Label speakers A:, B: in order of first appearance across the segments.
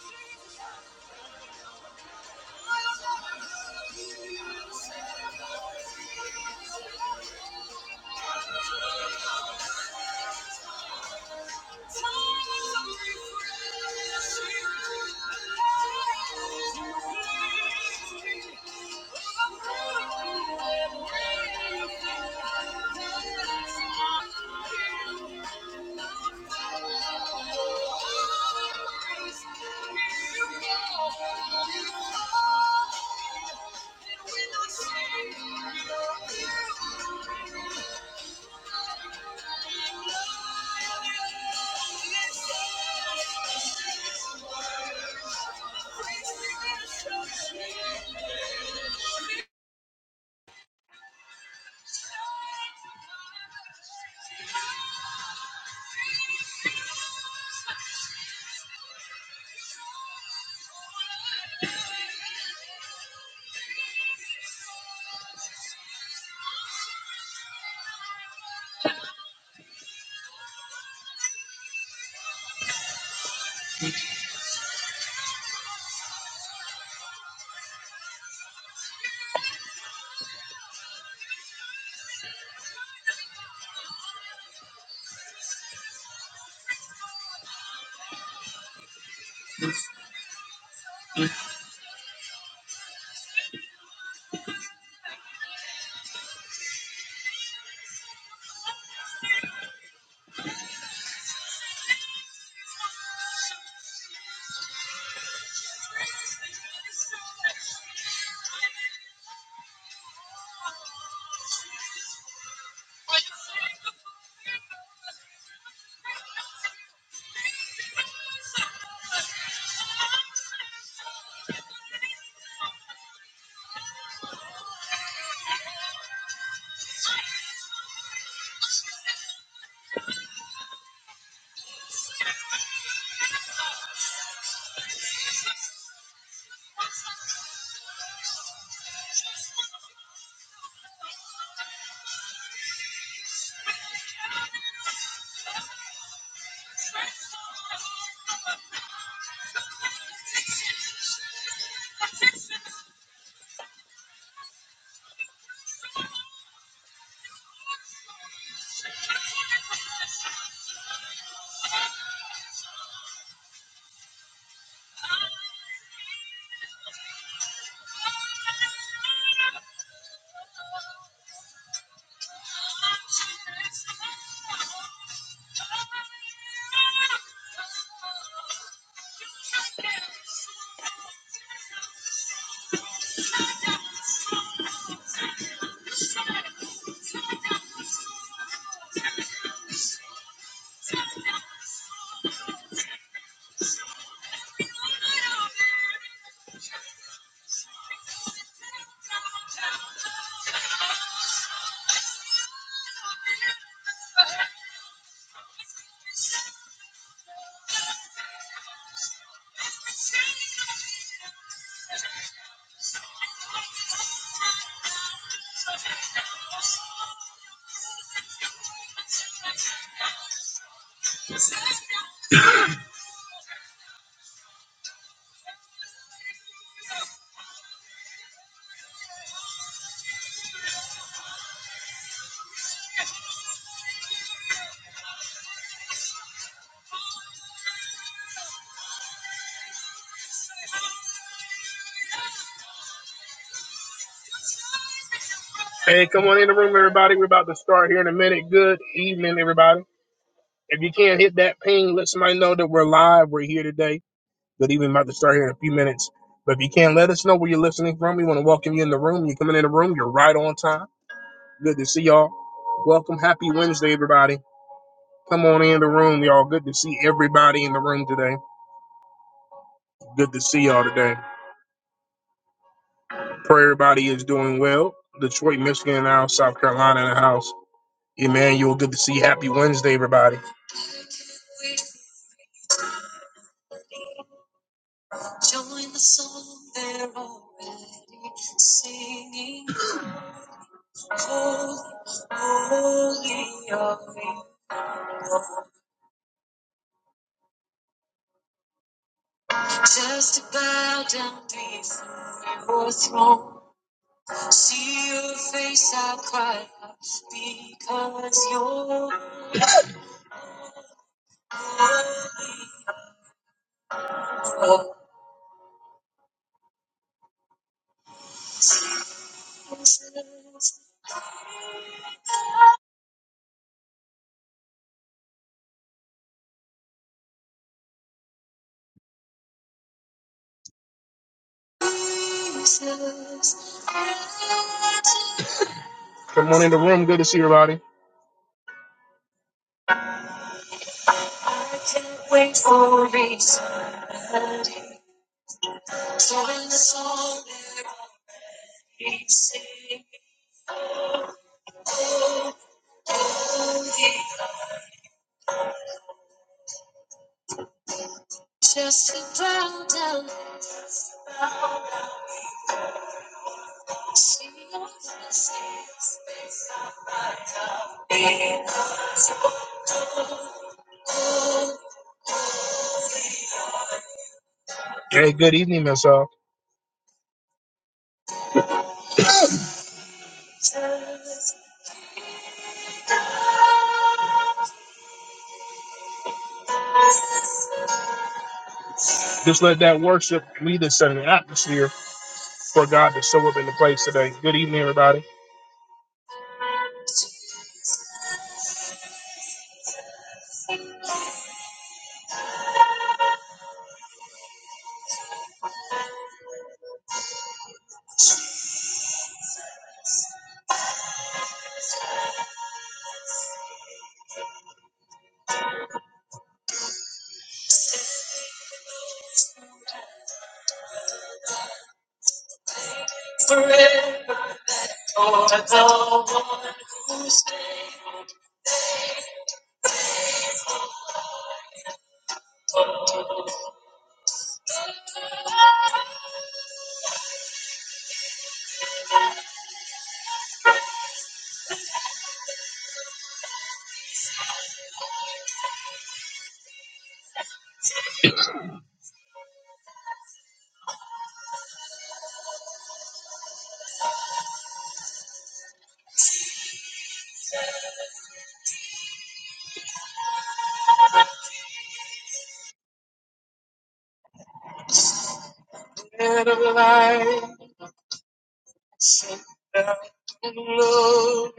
A: Thank you. Thank you. I'm tired of holding on. I just can't stop. Hey, come on in the room, everybody. We're about to start here in a minute. Good evening, everybody. If you can hit that ping, let somebody know that we're live. We're here today. Good evening, about to start here in a few minutes. But if you can, let us know where you're listening from. We want to welcome you in the room. You're coming in the room. You're right on time. Good to see y'all. Welcome. Happy Wednesday, everybody. Come on in the room, y'all. Good to see everybody in the room today. Good to see y'all today. Pray everybody is doing well. Detroit, Michigan in the house, South Carolina in the house. Emmanuel, good to see you. Happy Wednesday, everybody. Join the song they're already singing. Holy, holy are you. Just to bow down before your throne. See your face, I cry out because you're Jesus, Jesus, Good morning, the room. Good to see everybody. I can't wait for eternity. So in the song that I sing, oh, holy, just to bow down, see your face. Hey, good evening, Miss Al. Just let that worship lead us in an atmosphere for God to show up in the place today. Good evening, everybody. Forever, for the one who's dead alive, sing the Lord.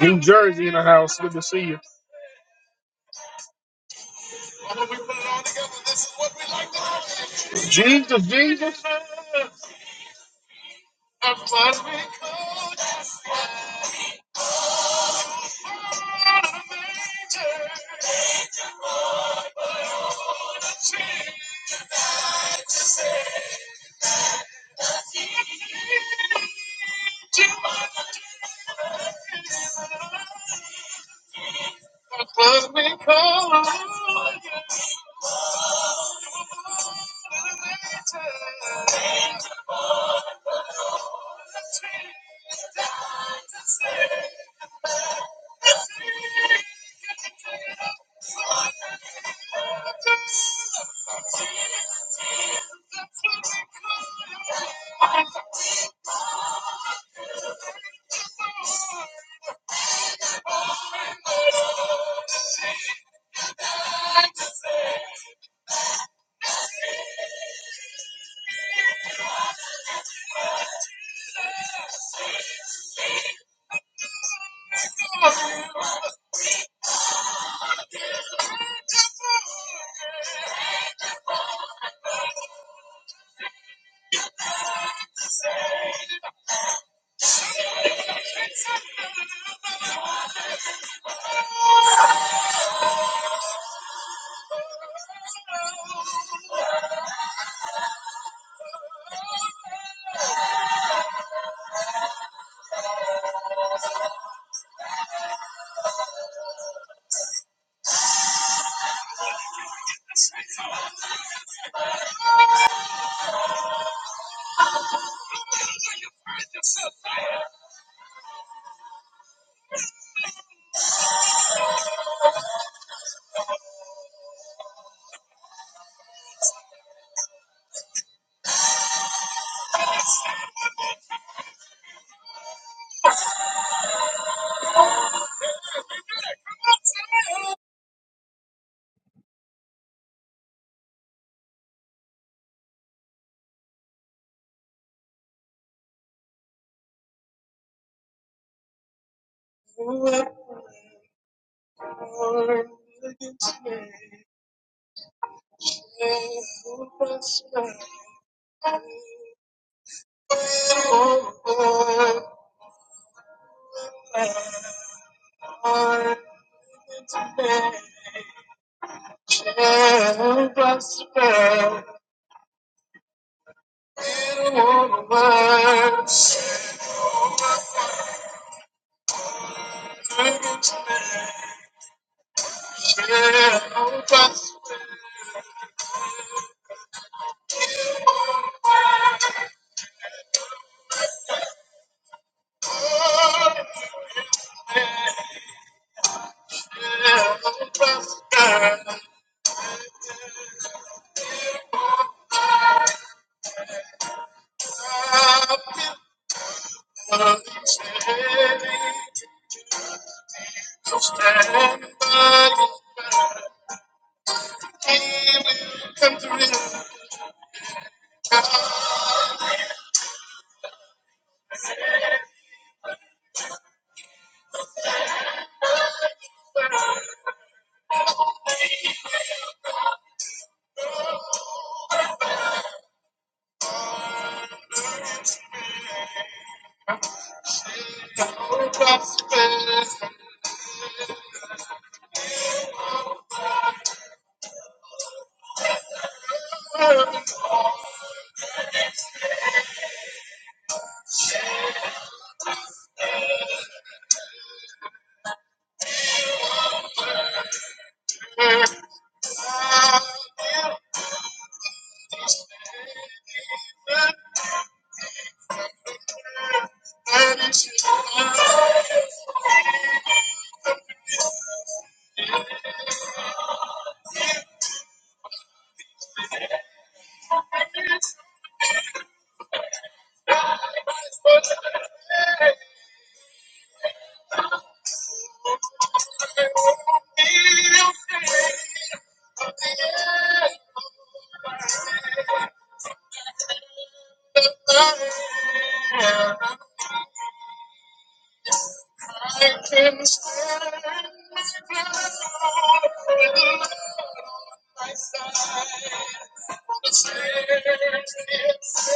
A: New Jersey in the house. Good to see you. Jesus, Jesus. Stand by your side. Come to realize our prosperous and I can stand my ground with the Lord on my side. For the same things.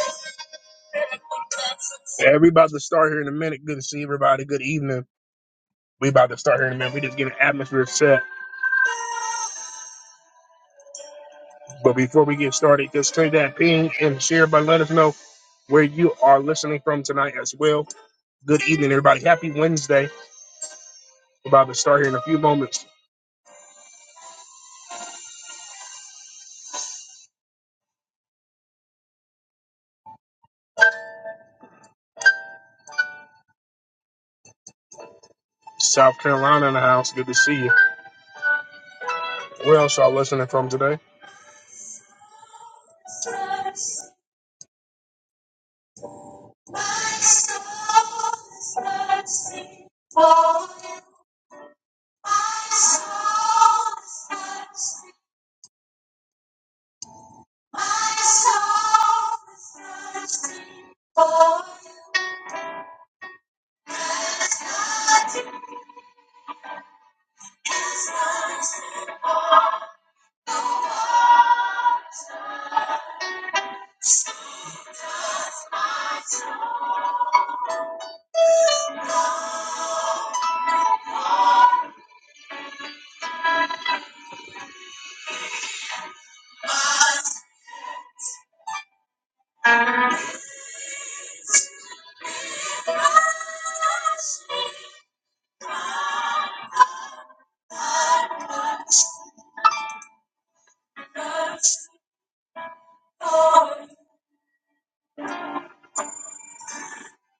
A: Everybody about to start here in a minute. Good to see everybody. Good evening. We about to start here in a minute. We just getting atmosphere set. But before we get started, just click that ping and share. by let us know where you are listening from tonight as well. Good evening, everybody. Happy Wednesday. We're about to start here in a few moments. South Carolina in the house. Good to see you. Where else y'all listening from today? My soul is thirsty for you,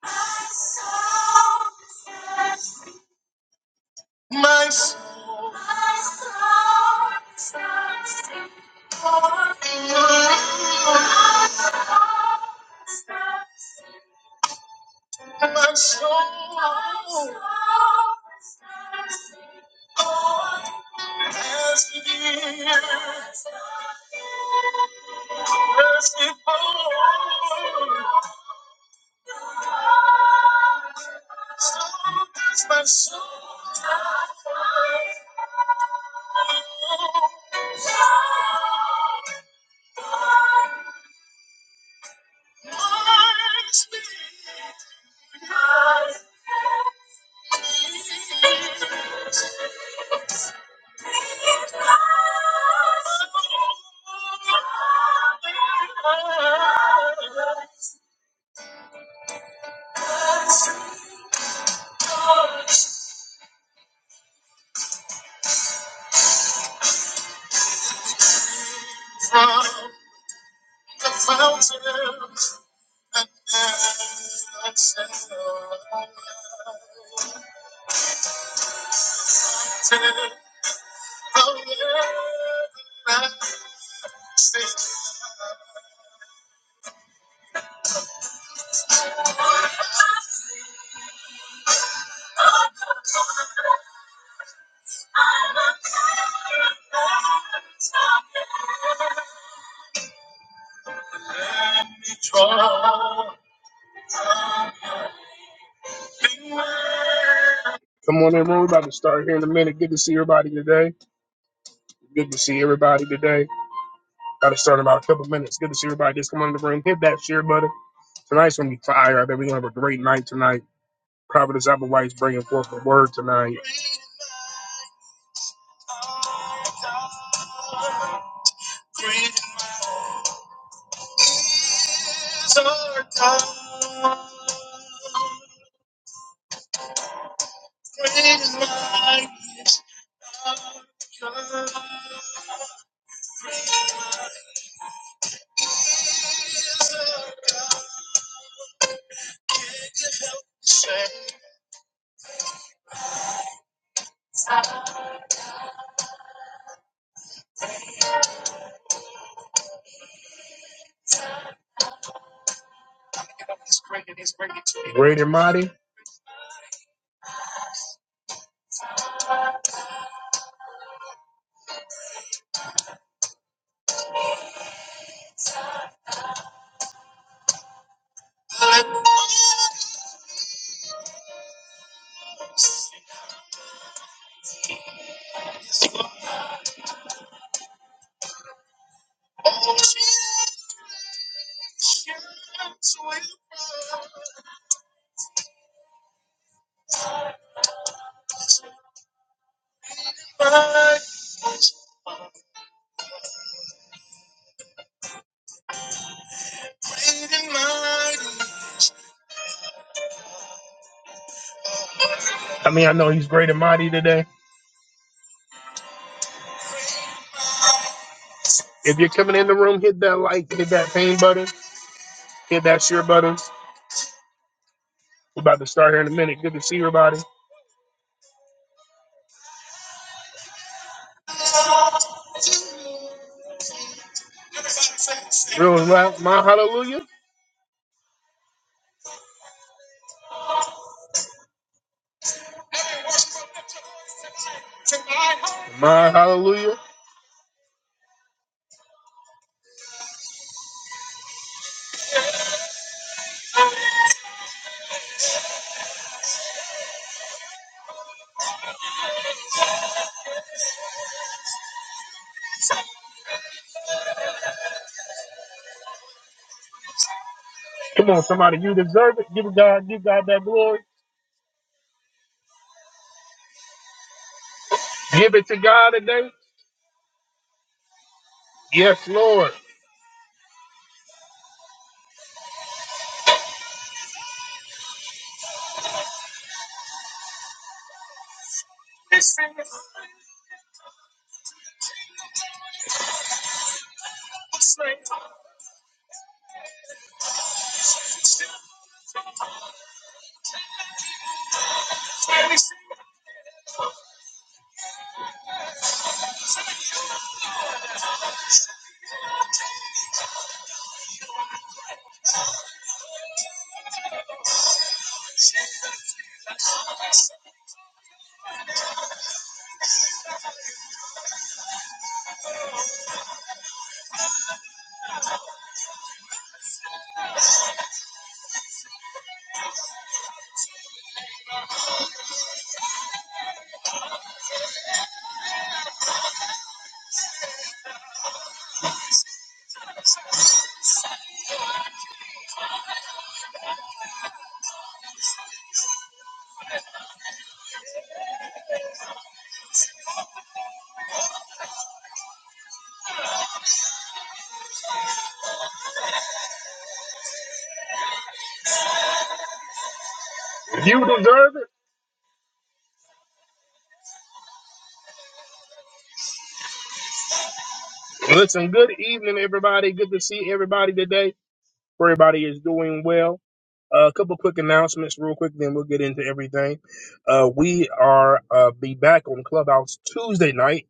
A: My soul is thirsty. My soul. My soul is thirsty for you. My soul is thirsty. My soul. My soul is thirsty for you. thirsty for you. My soul is thirsty From the fountain and the everlasting. Come on, everyone. We're about to start here in a minute. Good to see everybody today. Good to see everybody today. Got to start in about a couple minutes. Good to see everybody just come on in the room. Hit that share button. Tonight's going to be fire. I bet we're going to have a great night tonight. Providence Applewhite's bringing forth the word tonight. Great and mighty. I mean, I know he's great and mighty today. If you're coming in the room, hit that like, hit that pain button, hit that share button. We're about to start here in a minute. Good to see everybody. Real and loud. My hallelujah. My hallelujah. Come on, somebody. You deserve it. Give God, give God that glory. Give it to God today. Yes, Lord. You deserve it. Listen, good evening, everybody. Good to see everybody today. Everybody is doing well. Uh, a couple quick announcements, real quick, then we'll get into everything. Uh, we are uh, be back on Clubhouse Tuesday night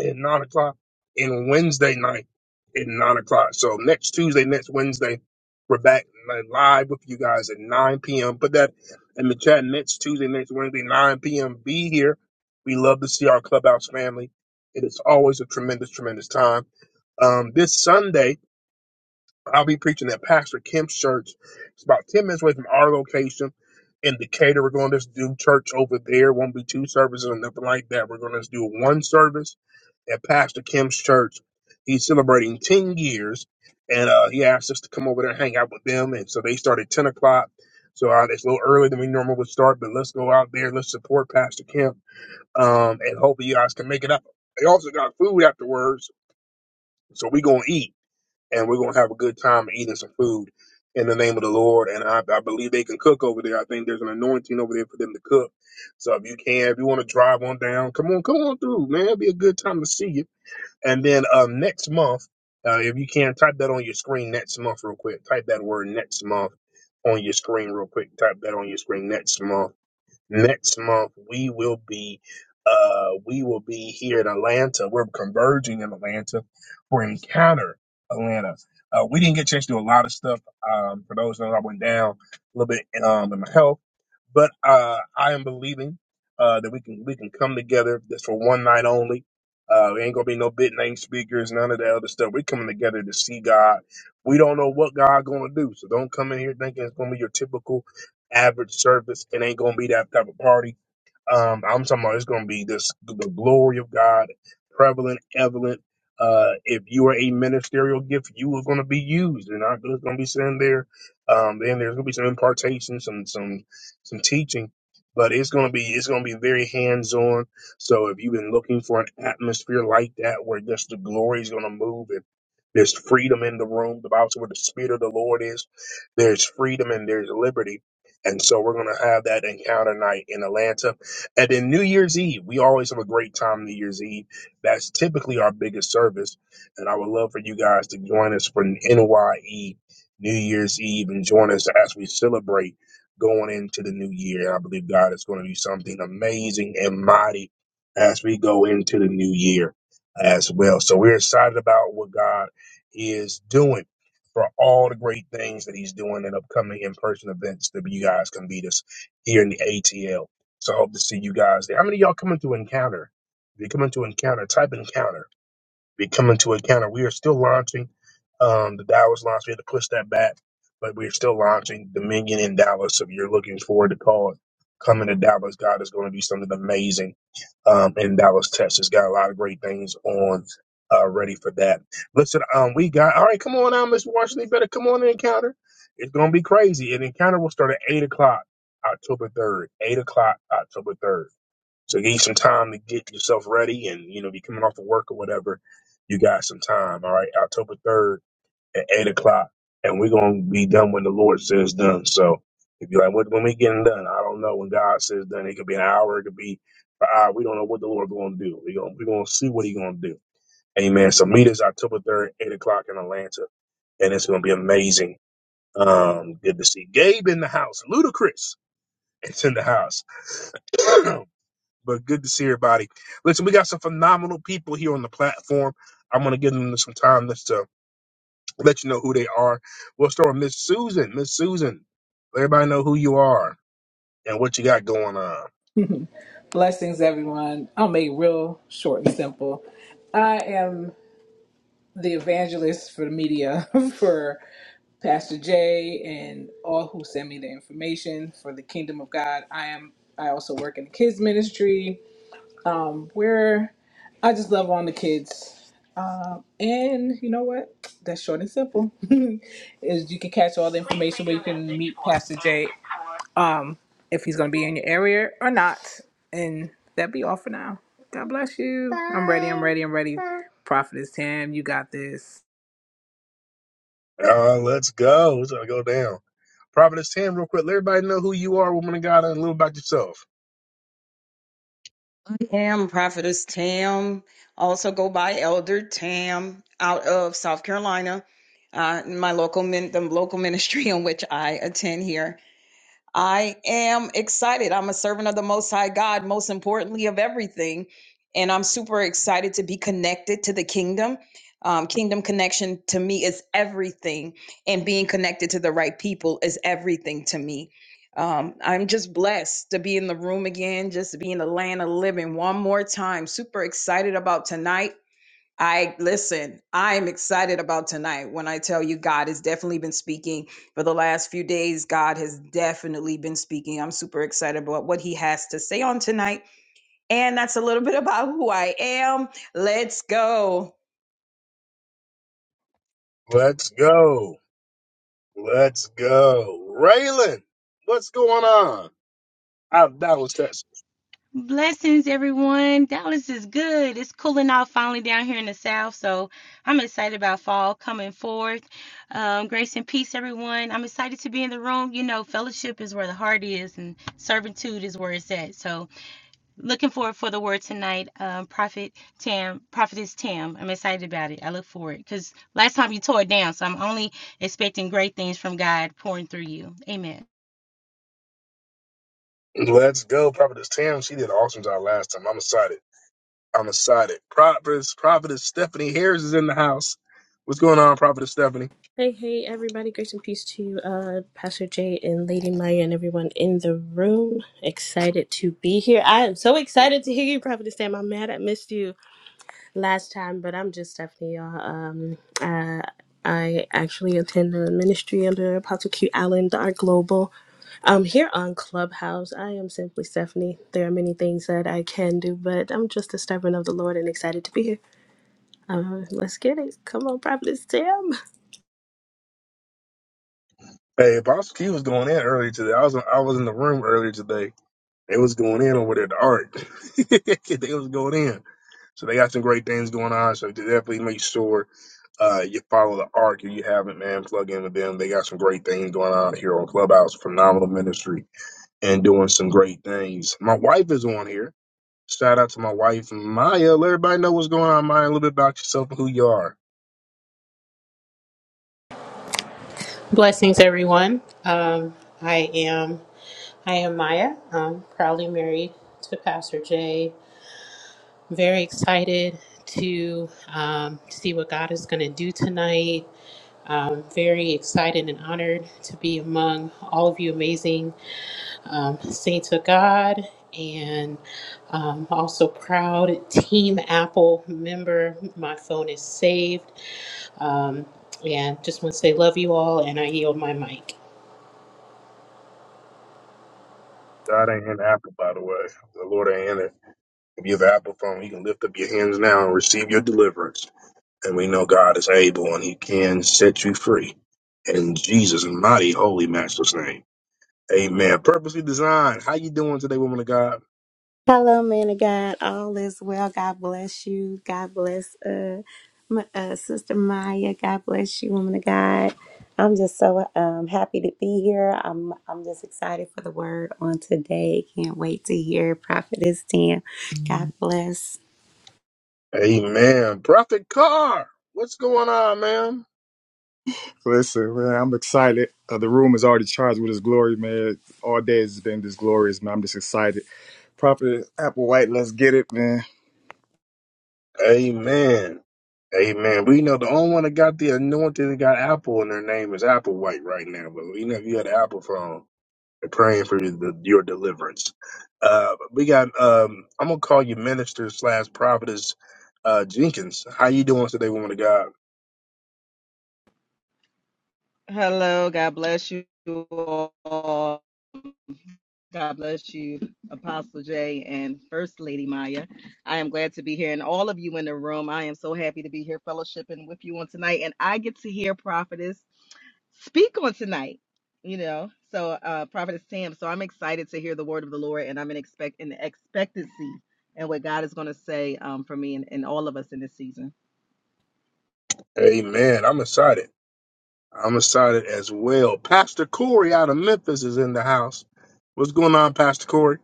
A: at nine o'clock, and Wednesday night at nine o'clock. So next Tuesday, next Wednesday, we're back li- live with you guys at nine p.m. Put that in the chat. Next Tuesday, next Wednesday, nine p.m. Be here. We love to see our Clubhouse family. It is always a tremendous, tremendous time. Um, this Sunday. I'll be preaching at Pastor Kim's church. It's about 10 minutes away from our location in Decatur. We're going to just do church over there. Won't be two services or nothing like that. We're going to just do one service at Pastor Kim's church. He's celebrating 10 years, and uh, he asked us to come over there and hang out with them. And so they start at 10 o'clock. So uh, it's a little earlier than we normally would start, but let's go out there. Let's support Pastor Kim, um, and hopefully you guys can make it up. They also got food afterwards, so we going to eat and we're going to have a good time eating some food in the name of the Lord. And I, I believe they can cook over there. I think there's an anointing over there for them to cook. So if you can, if you want to drive on down, come on, come on through, man. It'll be a good time to see you. And then um, next month, uh, if you can, type that on your screen next month real quick. Type that word next month on your screen real quick. Type that on your screen next month next month we will be uh we will be here in atlanta we're converging in atlanta for encounter atlanta uh, we didn't get a chance to do a lot of stuff um for those that know, i went down a little bit um in my health but uh i am believing uh that we can we can come together just for one night only uh, there ain't gonna be no big name speakers, none of that other stuff. We're coming together to see God. We don't know what God gonna do, so don't come in here thinking it's gonna be your typical average service. It ain't gonna be that type of party. Um, I'm talking about it's gonna be this the glory of God, prevalent, evident. Uh, if you are a ministerial gift, you are gonna be used. You're not just gonna be sitting there. Um, then there's gonna be some impartation, some some some teaching, but it's gonna be it's gonna be very hands on. So if you've been looking for an atmosphere like that where just the glory is gonna move and there's freedom in the room, the Bible says where the spirit of the Lord is, there's freedom and there's liberty and so we're going to have that encounter night in Atlanta. And then New Year's Eve, we always have a great time New Year's Eve. That's typically our biggest service. And I would love for you guys to join us for NYE New Year's Eve and join us as we celebrate going into the new year. I believe God is going to do something amazing and mighty as we go into the new year as well. So we're excited about what God is doing for all the great things that he's doing and upcoming in person events that you guys can meet us here in the ATL. So I hope to see you guys there. How many of y'all coming to Encounter? If you're coming to Encounter, type Encounter be coming to encounter. We are still launching. Um, the Dallas launch, we had to push that back, but we're still launching Dominion in Dallas. So if you're looking forward to call it, coming to Dallas, God is going to do something amazing um, in Dallas, Texas. Got a lot of great things on uh, ready for that. Listen, um, we got all right. Come on out, Miss Washington. You better come on to encounter. It's going to be crazy. And encounter will start at eight o'clock, October third. Eight o'clock, October third. So give you some time to get yourself ready and, you know, if you're coming off of work or whatever, you got some time. All right. October 3rd at 8 o'clock. And we're going to be done when the Lord says done. So if you're like, when, when we getting done, I don't know. When God says done, it could be an hour. It could be an hour. We don't know what the Lord going to do. we gonna we gonna to see what He going to do. Amen. So meet us October 3rd, 8 o'clock in Atlanta. And it's going to be amazing. Um, good to see Gabe in the house. Ludacris, it's in the house. But good to see everybody. Listen, we got some phenomenal people here on the platform. I'm going to give them some time just to let you know who they are. We'll start with Miss Susan. Miss Susan, let everybody know who you are and what you got going on.
B: Blessings, everyone. I'll make it real short and simple. I am the evangelist for the media for Pastor Jay and all who send me the information for the Kingdom of God. I am. I also work in the kids ministry, um, where I just love on the kids. Um, and you know what? That's short and simple. Is you can catch all the information where you can meet Pastor Jay um, if he's going to be in your area or not. And that be all for now. God bless you. I'm ready. I'm ready. I'm ready. Prophetess Tam, you got this.
A: Uh, let's go. It's going to go down. Providence Tam, real quick. Let everybody know who you are, woman of God, and a little about yourself.
C: I am Prophetess Tam, also go by Elder Tam, out of South Carolina. Uh, my local min- the local ministry in which I attend here. I am excited. I'm a servant of the Most High God, most importantly of everything. And I'm super excited to be connected to the kingdom. Um, kingdom connection to me is everything, and being connected to the right people is everything to me. Um, I'm just blessed to be in the room again, just to be in the land of living one more time. Super excited about tonight. I listen, I'm excited about tonight. When I tell you, God has definitely been speaking for the last few days, God has definitely been speaking. I'm super excited about what He has to say on tonight. And that's a little bit about who I am. Let's go.
A: Let's go. Let's go. Raylan, what's going on? Out of Dallas, Texas.
D: Blessings, everyone. Dallas is good. It's cooling off finally down here in the South, so I'm excited about fall coming forth. Um, grace and peace, everyone. I'm excited to be in the room. You know, fellowship is where the heart is, and servitude is where it's at. So, looking forward for the word tonight. Um, Prophet Tam, Prophetess Tam. I'm excited about it. I look forward because last time you tore it down, so I'm only expecting great things from God pouring through you. Amen.
A: Let's go. Providence Tam. she did an awesome job last time. I'm excited. I'm excited. Prophetess, Prophetess Stephanie Harris is in the house. What's going on, Prophetess Stephanie?
E: Hey, hey, everybody. Grace and peace to you, uh, Pastor Jay and Lady Maya and everyone in the room. Excited to be here. I am so excited to hear you, Prophet Sam. I'm mad I missed you last time, but I'm just Stephanie, y'all. Um, uh, I actually attend a ministry under Apostle Q Allen, our global. Um, here on Clubhouse, I am simply Stephanie. There are many things that I can do, but I'm just a servant of the Lord and excited to be here. Uh, let's get it. Come on, Prophet Sam.
A: Hey, Apostle Key was going in earlier today. I was I was in the room earlier today. They was going in over there at the art. they was going in. So they got some great things going on. So definitely make sure uh, you follow the arc if you haven't, man. Plug in with them. They got some great things going on here on Clubhouse. Phenomenal ministry and doing some great things. My wife is on here. Shout out to my wife, Maya. Let everybody know what's going on, Maya. A little bit about yourself and who you are.
F: Blessings, everyone. Um, I am I am Maya. I'm proudly married to Pastor Jay. Very excited to um, see what God is going to do tonight. Um, very excited and honored to be among all of you amazing um, saints of God, and um, also proud Team Apple member. My phone is saved, um, and just want to say love you all, and I yield my mic.
A: God ain't in Apple, by the way. The Lord ain't in it. If you have an Apple phone, you can lift up your hands now and receive your deliverance. And we know God is able and He can set you free. In Jesus' mighty, holy, master's name. Amen. Purposely designed. How you doing today, woman of God?
G: Hello, man of God. All is well. God bless you. God bless uh, my, uh Sister Maya. God bless you, woman of God. I'm just so um happy to be here. I'm I'm just excited for the word on today. Can't wait to hear Prophetess Tam. God bless.
A: Amen. Prophet Carr, what's going on, man?
H: Listen, man, I'm excited. Uh, the room is already charged with his glory, man. All day has been this glorious, man. I'm just excited. Prophet Apple White, let's get it, man.
A: Amen. Amen. We know the only one that got the anointing that got Apple in their name is Applewhite right now. But we know if you had an Apple phone, we're praying for the, your deliverance. Uh, we got. Um, I'm gonna call you minister slash prophetess uh, Jenkins. How you doing today, woman of God?
I: Hello, God bless you all. God bless you, Apostle Jay and First Lady Maya. I am glad to be here and all of you in the room. I am so happy to be here fellowshipping with you on tonight. And I get to hear Prophetess speak on tonight, you know. So uh Prophetess Tam. So I'm excited to hear the word of the Lord and I'm in expect in expectancy and what God is gonna say um for me and, and all of us in this season.
A: Amen. I'm excited. I'm excited as well. Pastor Corey out of Memphis is in the house. What's going on, Pastor Corey?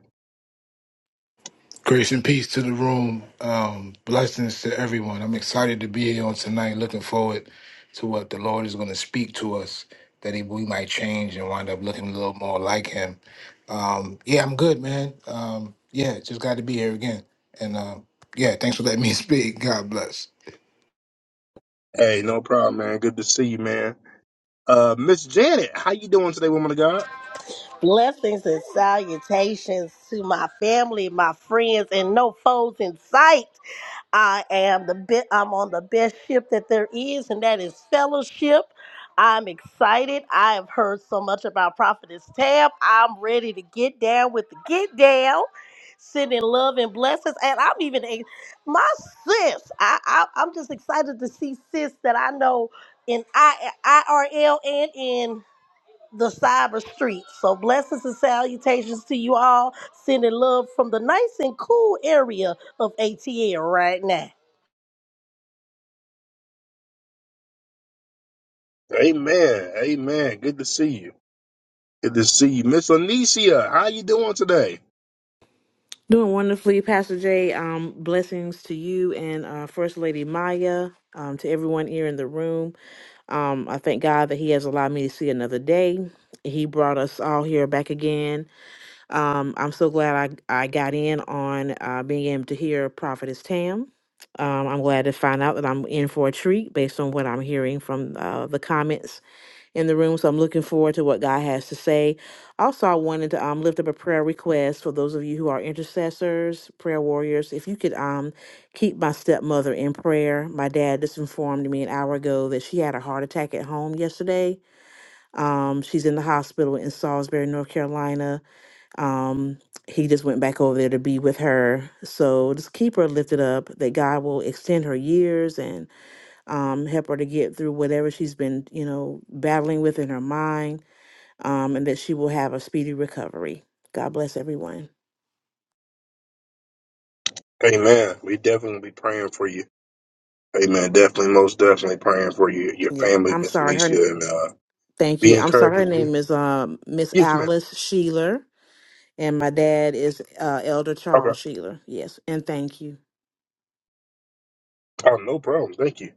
J: Grace and peace to the room. Um, blessings to everyone. I'm excited to be here on tonight. Looking forward to what the Lord is going to speak to us that he, we might change and wind up looking a little more like him. Um, yeah, I'm good, man. Um, yeah, just glad to be here again. And um, yeah, thanks for letting me speak. God bless.
A: Hey, no problem, man. Good to see you, man. Uh, Miss Janet, how you doing today, woman of God?
K: Blessings and salutations to my family, my friends, and no foes in sight. I am the bit. I'm on the best ship that there is, and that is fellowship. I'm excited. I have heard so much about Prophetess Tab. I'm ready to get down with the get down, sending love and blessings. And I'm even a, my sis. I, I I'm just excited to see sis that I know in I IRL and in the cyber streets. So blessings and salutations to you all. Sending love from the nice and cool area of ATL right now.
A: Amen. Amen. Good to see you. Good to see you. Miss Anicia, how you doing today?
L: Doing wonderfully, Pastor Jay. Um, blessings to you and uh, First Lady Maya, um, to everyone here in the room. Um, I thank God that He has allowed me to see another day. He brought us all here back again. Um, I'm so glad I, I got in on uh, being able to hear Prophetess Tam. Um, I'm glad to find out that I'm in for a treat based on what I'm hearing from uh, the comments in the room. So I'm looking forward to what God has to say. Also, I wanted to um, lift up a prayer request for those of you who are intercessors, prayer warriors. If you could um, keep my stepmother in prayer. My dad just informed me an hour ago that she had a heart attack at home yesterday. Um, she's in the hospital in Salisbury, North Carolina. Um, he just went back over there to be with her. So just keep her lifted up that God will extend her years and um, help her to get through whatever she's been, you know, battling with in her mind, um, and that she will have a speedy recovery. God bless everyone.
A: Amen. We definitely be praying for you. Amen. Definitely, most definitely praying for you, your
L: Yeah,
A: family,
L: I'm
A: Miss
L: sorry. Her,
A: Anicia, and uh,
L: thank
A: be
L: you. I'm sorry.
A: encouraged.
L: Her name is um, Miss
A: Yes, ma'am.
L: Alice Sheeler, and my dad is uh, Elder
A: Okay.
L: Charles Sheeler. Yes, and thank you.
A: Oh, no problem. Thank you.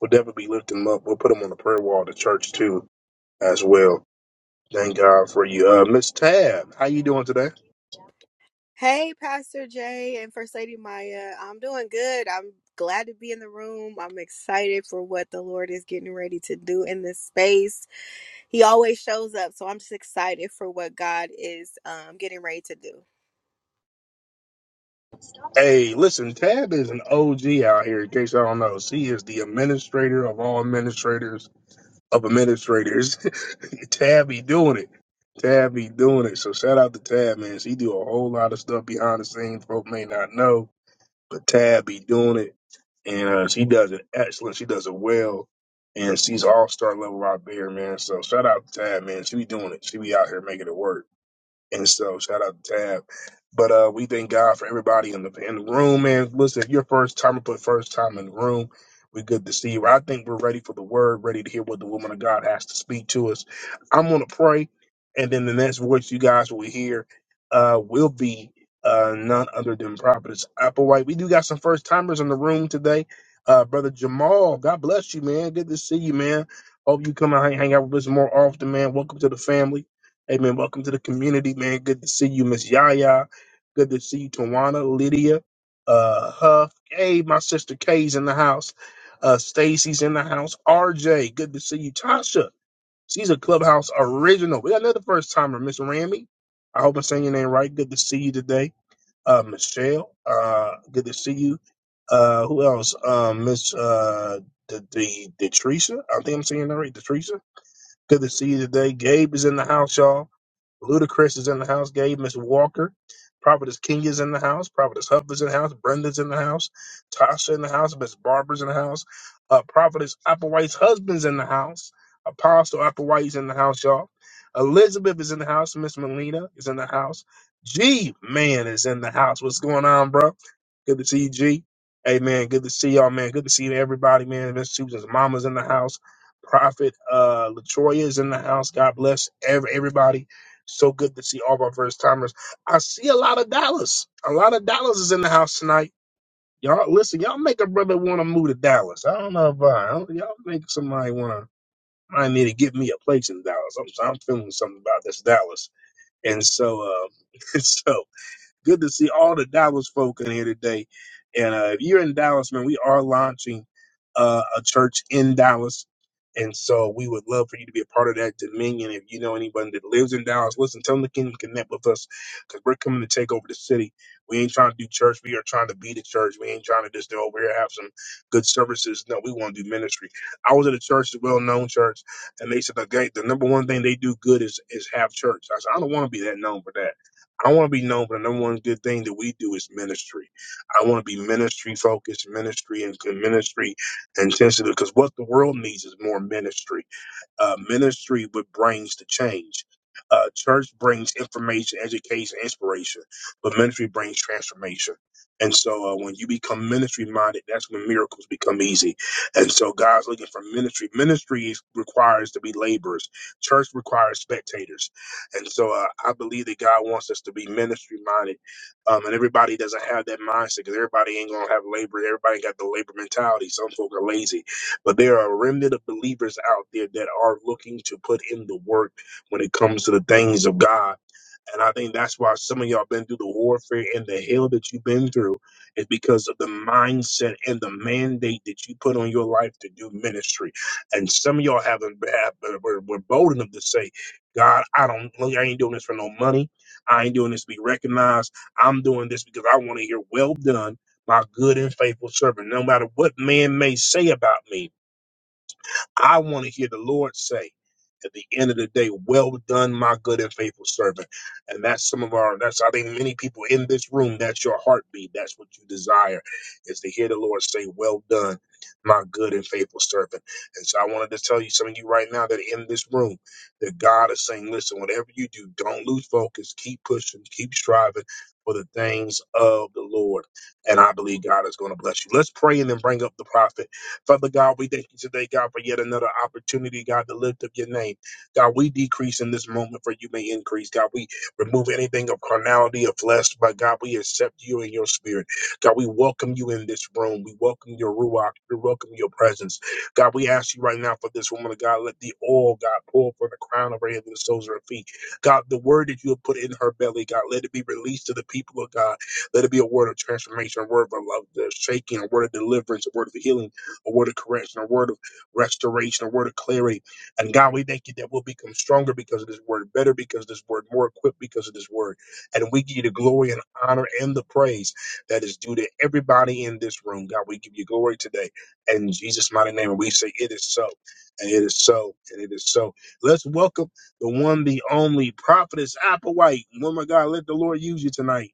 A: We'll definitely be lifting them up. We'll put them on the prayer wall of the church too, as well. Thank God for you, uh, Miss Tab. How you doing today?
M: Hey, Pastor Jay and First Lady Maya. I'm doing good. I'm glad to be in the room. I'm excited for what the Lord is getting ready to do in this space. He always shows up, so I'm just excited for what God is um, getting ready to do.
A: Hey, listen, Tab is an OG out here. In case I don't know, she is the administrator of all administrators of administrators. Tab be doing it. Tab be doing it. So shout out to Tab, man. She do a whole lot of stuff behind the scenes. Folk may not know, but Tab be doing it, and uh, she does it excellent. She does it well, and she's all star level out there, man. So shout out to Tab, man. She be doing it. She be out here making it work. And so shout out to Tab. But uh, we thank God for everybody in the in the room, man. Listen, if your first time, put first time in the room. We good to see you. I think we're ready for the word, ready to hear what the woman of God has to speak to us. I'm gonna pray, and then the next voice you guys will hear uh, will be uh, none other than Prophetess Applewhite. We do got some first timers in the room today. Uh, Brother Jamal, God bless you, man. Good to see you, man. Hope you come out and hang out with us more often, man. Welcome to the family. Hey man, welcome to the community, man. Good to see you, Miss Yaya. Good to see you, Tawana, Lydia, uh, Huff. Hey, my sister Kay's in the house. Uh, Stacy's in the house. RJ, good to see you. Tasha, she's a clubhouse original. We got another first timer, Miss Rammy. I hope I'm saying your name right. Good to see you today. Uh, Michelle, uh, good to see you. Uh, who else? Um, Miss, uh, the, the, the I think I'm saying that right. The Good to see you today. Gabe is in the house, y'all. Ludacris is in the house. Gabe, Miss Walker. Prophetess Kenya's in the house. Prophetess Huffer's in the house. Brenda's in the house. Tasha in the house. Miss Barbara's in the house. Uh, Prophetess Applewhite's husband's in the house. Apostle Applewhite's in the house, y'all. Elizabeth is in the house. Miss Melina is in the house. G man is in the house. What's going on, bro? Good to see you, G. Hey man, good to see y'all, man. Good to see everybody, man. Miss Susan's mama's in the house. Prophet uh, Latoya is in the house. God bless every, everybody. So good to see all of our first timers. I see a lot of Dallas. A lot of Dallas is in the house tonight. Y'all listen. Y'all make a brother want to move to Dallas. I don't know why. I don't- Y'all make somebody want to. I need to get me a place in Dallas. I'm, I'm feeling something about this Dallas. And so, uh, so. Good to see all the Dallas folk in here today. And uh, if you're in Dallas, man, we are launching uh, a church in Dallas. And so we would love for you to be a part of that dominion. If you know anybody that lives in Dallas, listen, tell them to can connect with us because we're coming to take over the city. We ain't trying to do church. We are trying to be the church. We ain't trying to just go over here have some good services. No, we want to do ministry. I was at a church, a well-known church, and they said the, guy- the number one thing they do good is is have church. I said I don't want to be that known for that. I want to be known for the number one good thing that we do is ministry. I want to be ministry focused, ministry and ministry intensive because what the world needs is more ministry uh, ministry with brings the change. Uh, church brings information, education, inspiration, but ministry brings transformation. And so, uh, when you become ministry minded, that's when miracles become easy. And so, God's looking for ministry. Ministry is- requires to be laborers. Church requires spectators. And so, uh, I believe that God wants us to be ministry minded. Um, and everybody doesn't have that mindset because everybody ain't gonna have labor. Everybody got the labor mentality. Some folk are lazy but there are a remnant of believers out there that are looking to put in the work when it comes to the things of God. And I think that's why some of y'all been through the warfare and the hell that you've been through is because of the mindset and the mandate that you put on your life to do ministry. And some of y'all haven't have, were, were bold enough to say, God, I don't I ain't doing this for no money. I ain't doing this to be recognized. I'm doing this because I want to hear well done, my good and faithful servant. No matter what man may say about me, I want to hear the Lord say at the end of the day, well done, my good and faithful servant. And that's some of our, that's, I think many people in this room, that's your heartbeat. That's what you desire is to hear the Lord say, well done, my good and faithful servant. And so I wanted to tell you, some of you right now that are in this room, that God is saying, listen, whatever you do, don't lose focus, keep pushing, keep striving for the things of the Lord. And I believe God is going to bless you. Let's pray and then bring up the prophet. Father God, we thank you today, God, for yet another opportunity, God, to lift up your name. God, we decrease in this moment for you may increase. God, we remove anything of carnality, of flesh, but God, we accept you in your spirit. God, we welcome you in this room. We welcome your ruach. We welcome your presence. God, we ask you right now for this woman of God, let the oil, God, pour from the crown of her head to the soles of her feet. God, the word that you have put in her belly, God, let it be released to the people of God. Let it be a word of transformation, a word of love, a shaking, a word of deliverance, a word of healing a word of correction, a word of restoration, a word of clarity. And God, we thank you that we'll become stronger because of this word, better because of this word, more equipped because of this word. And we give you the glory and honor and the praise that is due to everybody in this room. God, we give you glory today. And in Jesus' mighty name, and we say, It is so, and it is so, and it is so. Let's welcome the one, the only prophetess Applewhite. Woman, of God, let the Lord use you tonight.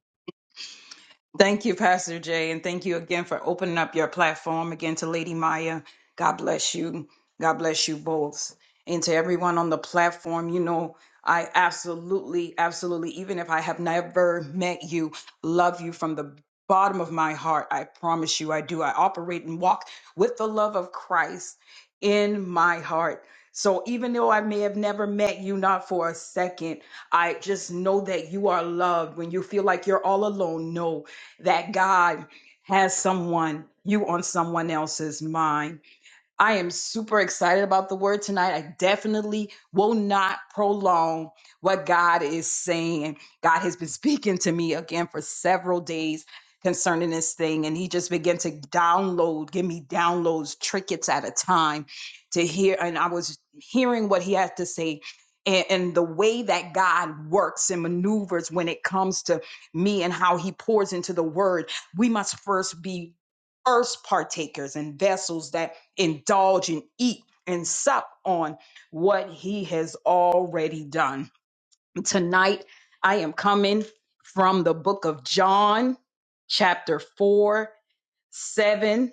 C: Thank you, Pastor Jay, and thank you again for opening up your platform again to Lady Maya. God bless you. God bless you both. And to everyone on the platform, you know, I absolutely, absolutely, even if I have never met you, love you from the bottom of my heart. I promise you I do. I operate and walk with the love of Christ in my heart. So even though I may have never met you, not for a second, I just know that you are loved. When you feel like you're all alone, no, that God has someone, you on someone else's mind. I am super excited about the word tonight. I definitely will not prolong what God is saying. God has been speaking to me again for several days concerning this thing, and He just began to download, give me downloads, trinkets at a time to hear. And I was hearing what He had to say. And, and the way that God works and maneuvers when it comes to me and how he pours into the word, we must first be first partakers and vessels that indulge and eat and sup on what he has already done. Tonight, I am coming from the book of John, chapter 4, 7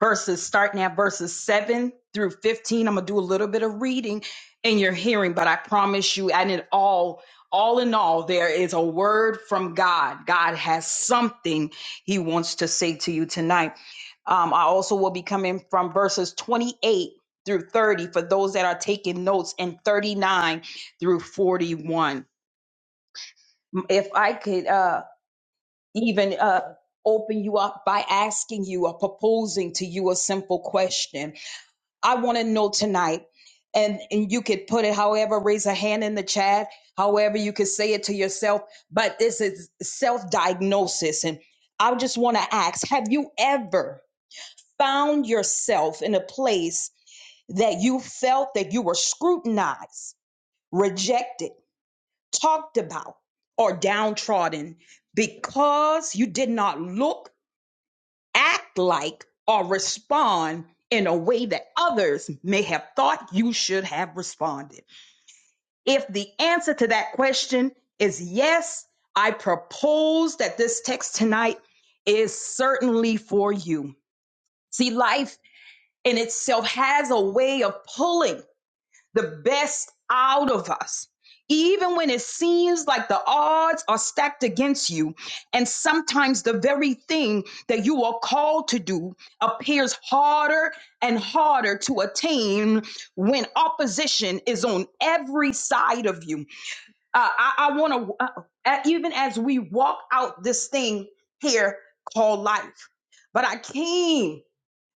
C: verses starting at verses 7 through 15 i'm gonna do a little bit of reading in your hearing but i promise you and it all all in all there is a word from god god has something he wants to say to you tonight um, i also will be coming from verses 28 through 30 for those that are taking notes and 39 through 41 if i could uh even uh open you up by asking you or proposing to you a simple question I want to know tonight. And, and you could put it however, raise a hand in the chat, however you could say it to yourself. But this is self diagnosis. And I just want to ask Have you ever found yourself in a place that you felt that you were scrutinized, rejected, talked about, or downtrodden because you did not look? act like or respond in a way that others may have thought you should have responded? If the answer to that question is yes, I propose that this text tonight is certainly for you. See, life in itself has a way of pulling the best out of us. Even when it seems like the odds are stacked against you, and sometimes the very thing that you are called to do appears harder and harder to attain when opposition is on every side of you. Uh, I, I want to, uh, even as we walk out this thing here called life, but I came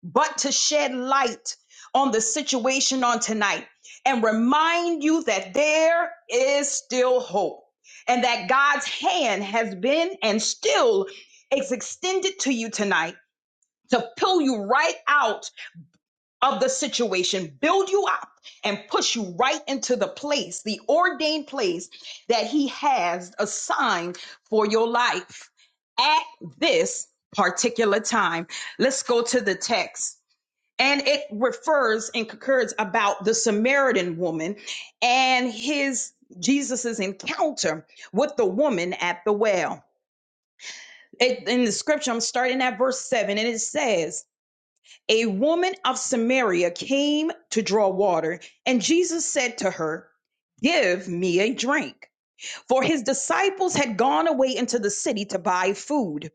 C: but to shed light on the situation on tonight and remind you that there is still hope and that God's hand has been and still is extended to you tonight to pull you right out of the situation, build you up, and push you right into the place, the ordained place that He has assigned for your life at this particular time. Let's go to the text and it refers and concurs about the Samaritan woman and his Jesus's encounter with the woman at the well. It, in the scripture, I'm starting at verse seven, and it says, "A woman of Samaria came to draw water, and Jesus said to her, 'Give me a drink." For his disciples had gone away into the city to buy food.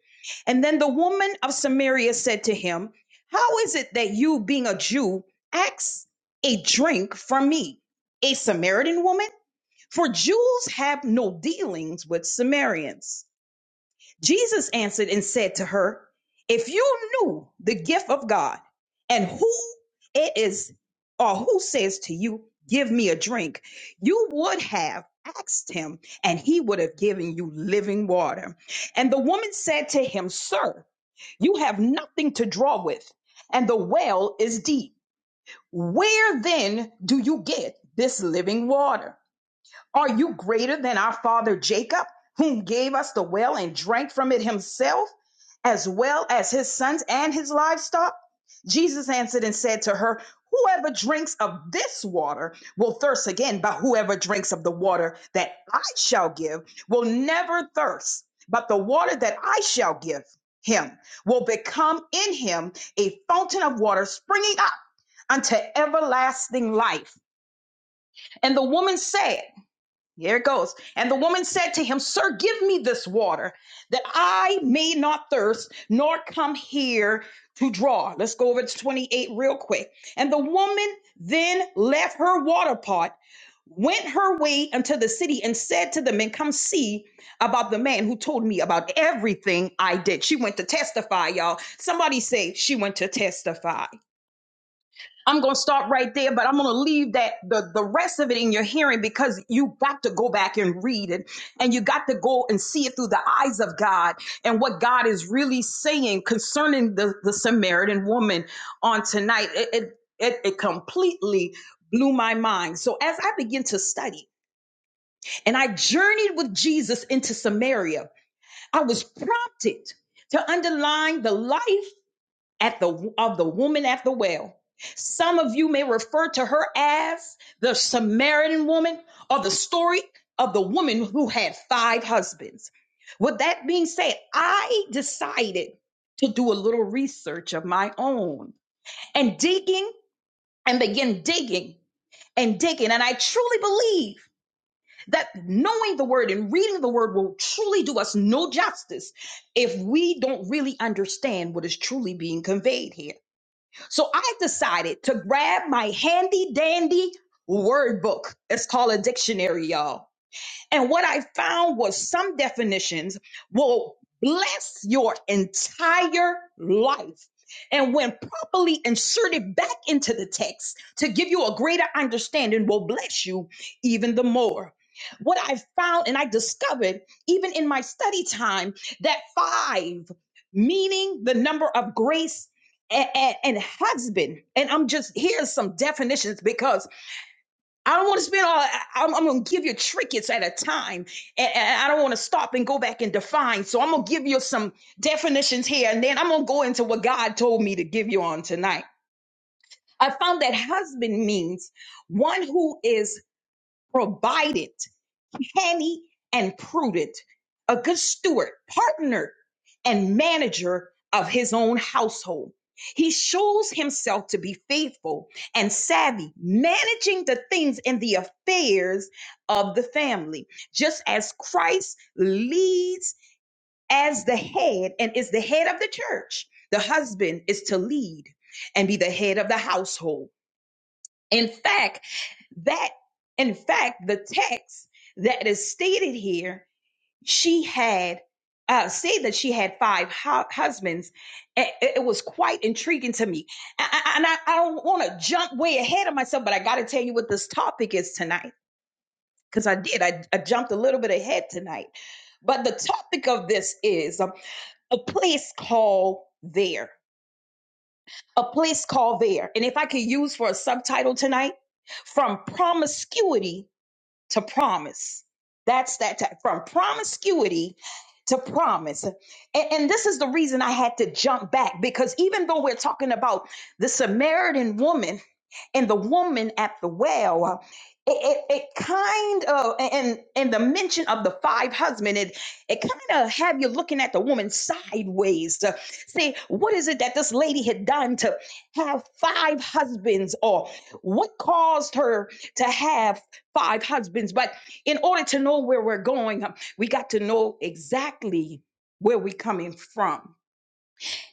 C: And then the woman of Samaria said to him, How is it that you, being a Jew, ask a drink from me, a Samaritan woman? For Jews have no dealings with Samaritans. Jesus answered and said to her, If you knew the gift of God and who it is or who says to you, Give me a drink, you would have asked him and he would have given you living water. And the woman said to him, Sir, you have nothing to draw with, and the well is deep. Where then do you get this living water? Are you greater than our father Jacob, whom gave us the well and drank from it himself, as well as his sons and his livestock? Jesus answered and said to her, Whoever drinks of this water will thirst again, but whoever drinks of the water that I shall give will never thirst. But the water that I shall give him will become in him a fountain of water springing up unto everlasting life. And the woman said, here it goes. And the woman said to him, Sir, give me this water that I may not thirst, nor come here to draw. Let's go over to 28 real quick. And the woman then left her water pot, went her way into the city, and said to the men, Come see about the man who told me about everything I did. She went to testify, y'all. Somebody say, She went to testify. I'm going to stop right there, but I'm going to leave that the, the rest of it in your hearing because you got to go back and read it and you got to go and see it through the eyes of God and what God is really saying concerning the, the Samaritan woman on tonight. It, it, it, it completely blew my mind. So as I began to study and I journeyed with Jesus into Samaria, I was prompted to underline the life at the of the woman at the well. Some of you may refer to her as the Samaritan woman or the story of the woman who had five husbands. With that being said, I decided to do a little research of my own and digging and begin digging and digging. And I truly believe that knowing the word and reading the word will truly do us no justice if we don't really understand what is truly being conveyed here. So I decided to grab my handy dandy word book. It's called a dictionary, y'all and what I found was some definitions will bless your entire life. And when properly inserted back into the text to give you a greater understanding, will bless you even the more. What I found and I discovered, even in my study time, that five, meaning the number of grace and, and husband, and I'm just here's some definitions because I don't want to spend all. I, am going to give you trinkets at a time, and, and I don't want to stop and go back and define. So I'm going to give you some definitions here, and then I'm going to go into what God told me to give you on tonight. I found that husband means one who is provided canny and prudent, a good steward, partner, and manager of his own household. He shows himself to be faithful and savvy, managing the things and the affairs of the family, just as Christ leads as the head and is the head of the church. The husband is to lead and be the head of the household. In fact, that in fact the text that is stated here she had uh, said that she had five hu- husbands. It, it was quite intriguing to me. A- a- And I, I don't want to jump way ahead of myself, but I got to tell you what this topic is tonight because I did. I, I jumped a little bit ahead tonight. But the topic of this is um, a place called there. A place called there. And if I could use for a subtitle tonight, from promiscuity to promise. That's that type from promiscuity to promise. And, and this is the reason I had to jump back because even though we're talking about the Samaritan woman and the woman at the well it, it, it kind of and and the mention of the five husband it it kind of have you looking at the woman sideways to say what is it that this lady had done to have five husbands or what caused her to have five husbands but in order to know where we're going um, we got to know exactly where we're coming from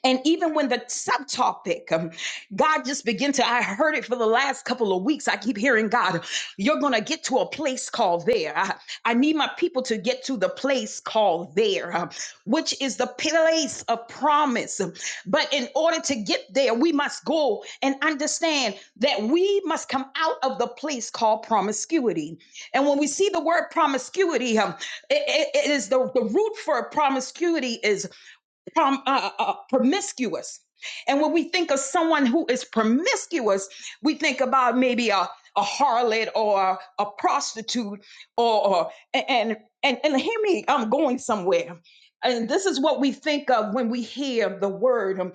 C: and even when the subtopic, um, God just began to, I heard it for the last couple of weeks. I keep hearing God, you're going to get to a place called there. I, I need my people to get to the place called there, uh, which is the place of promise. But in order to get there, we must go and understand that we must come out of the place called promiscuity. And when we see the word promiscuity, um, it it- it is the, the root for promiscuity prom, uh, uh, uh, promiscuous. And when we think of someone who is promiscuous, we think about maybe a, a harlot or a prostitute or, or and, and and hear me, I'm going somewhere. And this is what we think of when we hear the word um,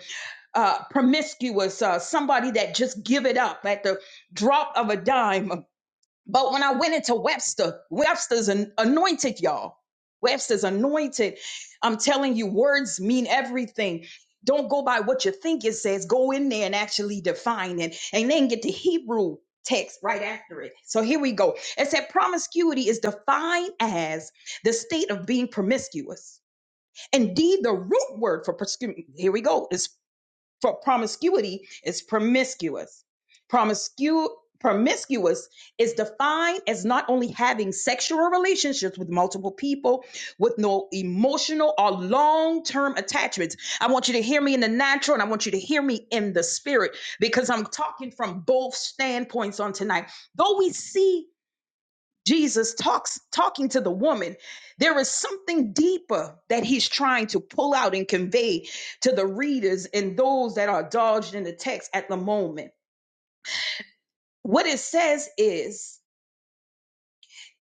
C: uh, promiscuous, uh, somebody that just give it up at the drop of a dime. But when I went into Webster, Webster's an anointed, y'all. Webster's anointed. I'm telling you, words mean everything. Don't go by what you think it says. Go in there and actually define it. And then get the Hebrew text right after it. So here we go. It said promiscuity is defined as the state of being promiscuous. Indeed, the root word for promiscuity, here we go, for promiscuity is promiscuous. Promiscu- promiscuous is defined as not only having sexual relationships with multiple people with no emotional or long-term attachments. I want you to hear me in the natural and I want you to hear me in the spirit because I'm talking from both standpoints on tonight. Though we see Jesus talks talking to the woman, there is something deeper that he's trying to pull out and convey to the readers and those that are dodged in the text at the moment. What it says is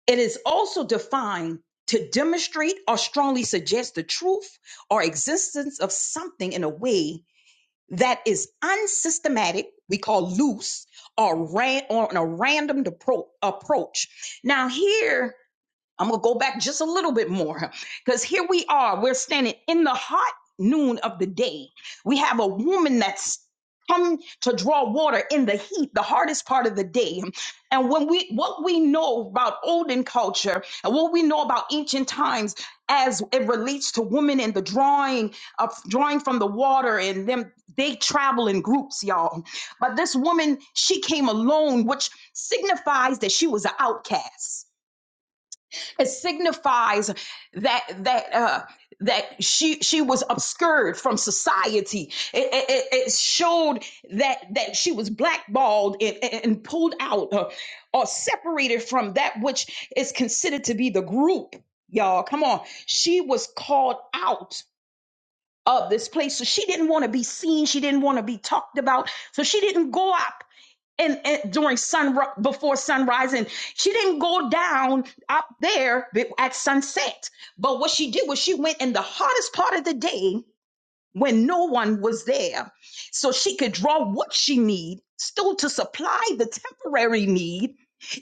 C: it is also defined to demonstrate or strongly suggest the truth or existence of something in a way that is unsystematic, we call loose, or ran on a random appro- approach. Now here I'm gonna go back just a little bit more because here we are. We're standing in the hot noon of the day. We have a woman that's come to draw water in the heat, the hardest part of the day. And when we what we know about olden culture and what we know about ancient times as it relates to women and the drawing of drawing from the water and them they travel in groups, y'all. But this woman, she came alone, which signifies that she was an outcast it signifies that that uh that she she was obscured from society it, it, it it showed that that she was blackballed and, and pulled out uh, or separated from that which is considered to be the group y'all come on she was called out of this place so she didn't want to be seen she didn't want to be talked about so she didn't go out and, and during sun before sunrise and she didn't go down up there at sunset but what she did was she went in the hottest part of the day when no one was there so she could draw what she need still to supply the temporary need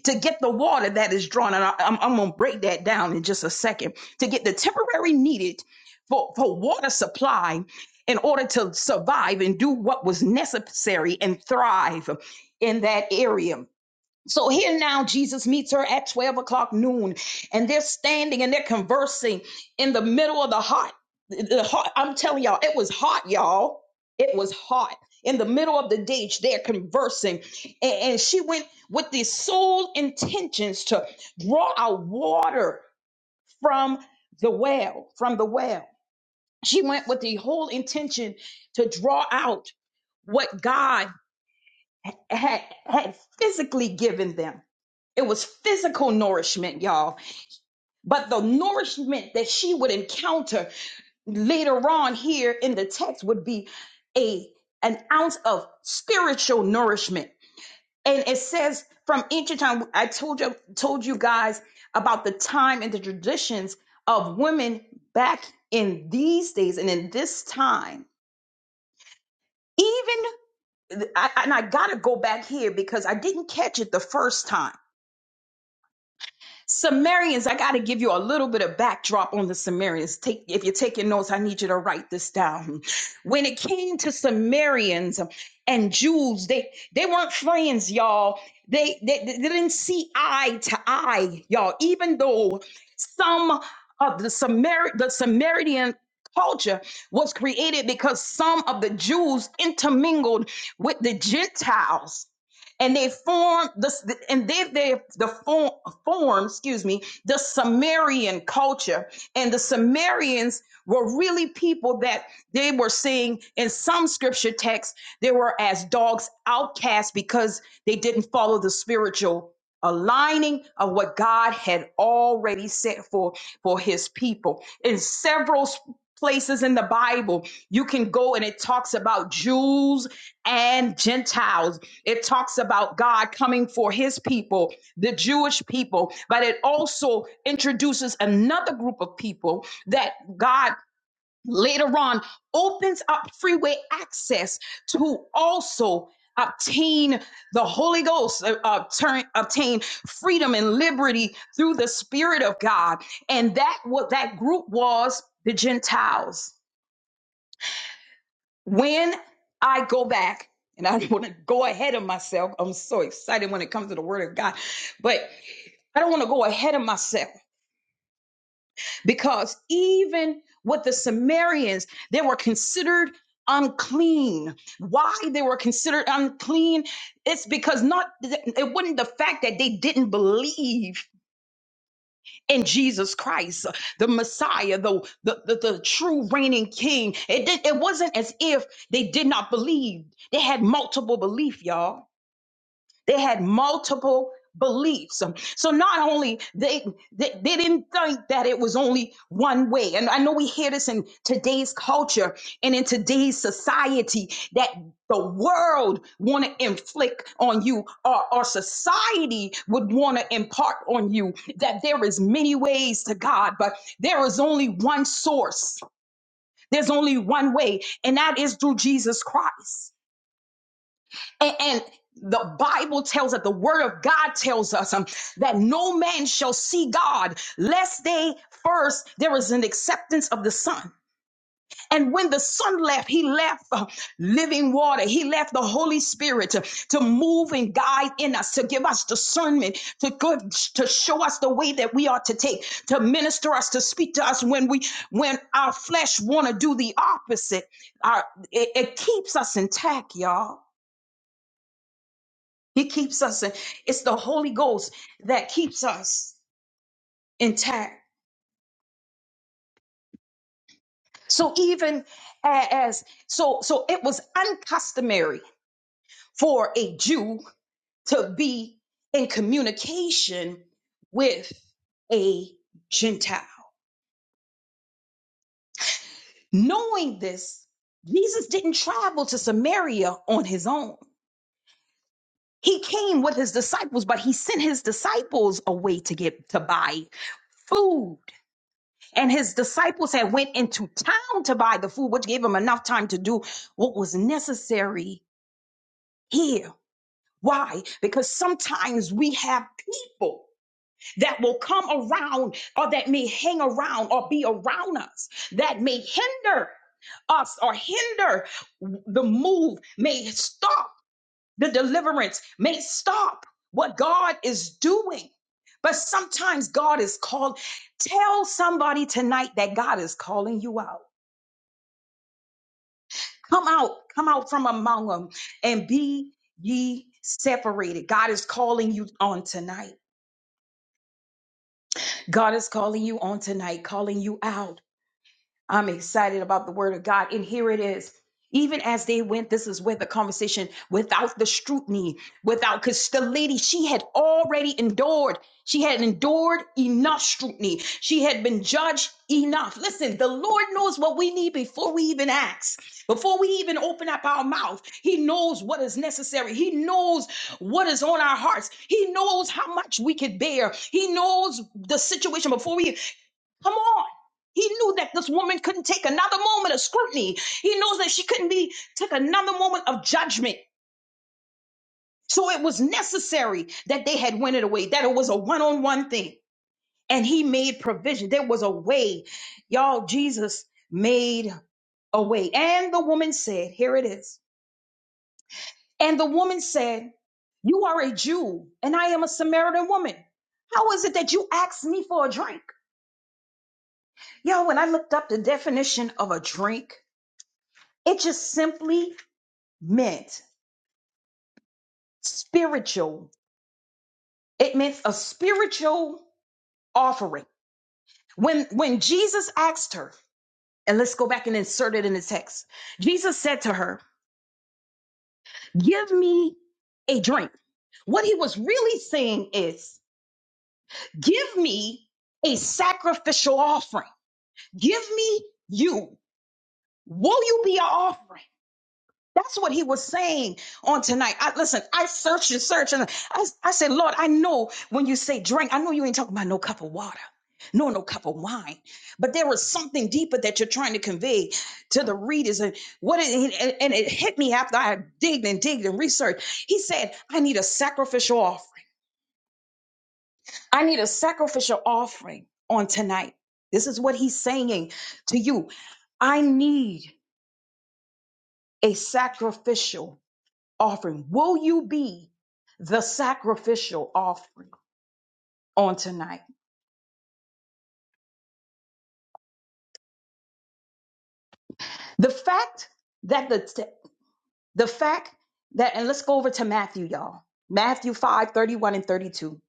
C: to get the water that is drawn and I, am I'm gonna break that down in just a second to get the temporary needed for, for water supply in order to survive and do what was necessary and thrive in that area so here now, Jesus meets her at 12 o'clock noon, and they're standing and they're conversing in the middle of the hot. The hot I'm telling y'all, it was hot, y'all. It was hot. In the middle of the day, they're conversing. And, and she went with the sole intentions to draw out water from the well, from the well. She went with the whole intention to draw out what God had, had physically given them it was physical nourishment, y'all. But the nourishment that she would encounter later on here in the text would be a an ounce of spiritual nourishment. And it says from ancient time, I told you told you guys about the time and the traditions of women back in these days and in this time. Even I, and I gotta go back here because I didn't catch it the first time Sumerians, I got to give you a little bit of backdrop on the Sumerians. Take if you're taking notes, I need you to write this down. When it came to Sumerians and Jews, they they weren't friends, y'all. They they, they didn't see eye to eye, y'all. Even though some of the Sumer the Sumerian culture was created because some of the Jews intermingled with the Gentiles and they form the and then they the form form excuse me the Sumerian culture and the Sumerians were really people that they were saying in some scripture texts they were as dogs outcast because they didn't follow the spiritual aligning of what God had already set for for his people in several s- places in the Bible you can go and it talks about Jews and Gentiles it talks about God coming for his people, the Jewish people, but it also introduces another group of people that God later on opens up freeway access to also obtain the Holy Ghost, uh, obtain, obtain freedom and liberty through the Spirit of God. And that what that group was the Gentiles when I go back, and I don't want to go ahead of myself. I'm so excited when it comes to the word of God, but I don't want to go ahead of myself because even with the Samaritans, they were considered unclean. Why they were considered unclean? It's because not it wasn't the fact that they didn't believe in Jesus Christ, the Messiah, the, the, the, the true reigning king. It, did, it wasn't as if they did not believe. They had multiple belief, y'all they had multiple beliefs. Um, So not only they, they they didn't think that it was only one way. And I know we hear this in today's culture and in today's society that the world want to inflict on you or, or society would want to impart on you that there is many ways to God, but there is only one source. There's only one way, and that is through Jesus Christ. And, and the Bible tells us, the word of God tells us um, that no man shall see God lest they first, there is an acceptance of the Son. And when the Son left, he left uh, living water. He left the Holy Spirit to, to move and guide in us, to give us discernment, to good, to show us the way that we are to take, to minister us, to speak to us when we when our flesh want to do the opposite. Our, it, it keeps us intact, y'all. He keeps us. in- It's the Holy Ghost that keeps us intact. So even a- as so, so it was uncustomary for a Jew to be in communication with a Gentile. Knowing this, Jesus didn't travel to Samaria on his own. He came with his disciples, but he sent his disciples away to get to buy food. and his disciples had went into town to buy the food which gave him enough time to do what was necessary here why because sometimes we have people that will come around or that may hang around or be around us that may hinder us or hinder the move may stop the deliverance may stop what god is doing but sometimes god is called tell somebody tonight that god is calling you out Come out, come out from among them and be ye separated. God is calling you on tonight. God is calling you on tonight, calling you out. I'm excited about the word of God. And here it is. Even as they went, this is where the conversation, without the scrutiny, without, because the lady, she had already endured. She had endured enough scrutiny. She had been judged enough. Listen, the Lord knows what we need before we even ask, before we even open up our mouth. He knows what is necessary. He knows what is on our hearts. He knows how much we could bear. He knows the situation before we. Come on. He knew that this woman couldn't take another moment of scrutiny. He knows that she couldn't be take another moment of judgment. So it was necessary that they had went it away, that it was a one-on-one thing. And he made provision. There was a way. Y'all, Jesus made a way. And the woman said, here it is. And the woman said, you are a Jew and I am a Samaritan woman. How is it that you asked me for a drink? Yo, when I looked up the definition of a drink, It just simply meant spiritual. It meant a spiritual offering. When when Jesus asked her, and let's go back and insert it in the text. Jesus said to her, "Give me a drink." What he was really saying is, "Give me a sacrificial offering. Give me you. Will you be an offering?" That's what he was saying on tonight. I listen, I searched and searched and I, I said, Lord, I know when you say drink, I know you ain't talking about no cup of water. No, no cup of wine, but there was something deeper that you're trying to convey to the readers, and what it, and and it hit me after I digged and digged and researched. He said, "I need a sacrificial offering. I need a sacrificial offering on tonight." This is what he's saying to you. I need a sacrificial offering. Will you be the sacrificial offering on tonight? The fact that the the fact that and let's go over to Matthew, y'all. Matthew 5 31 and 32.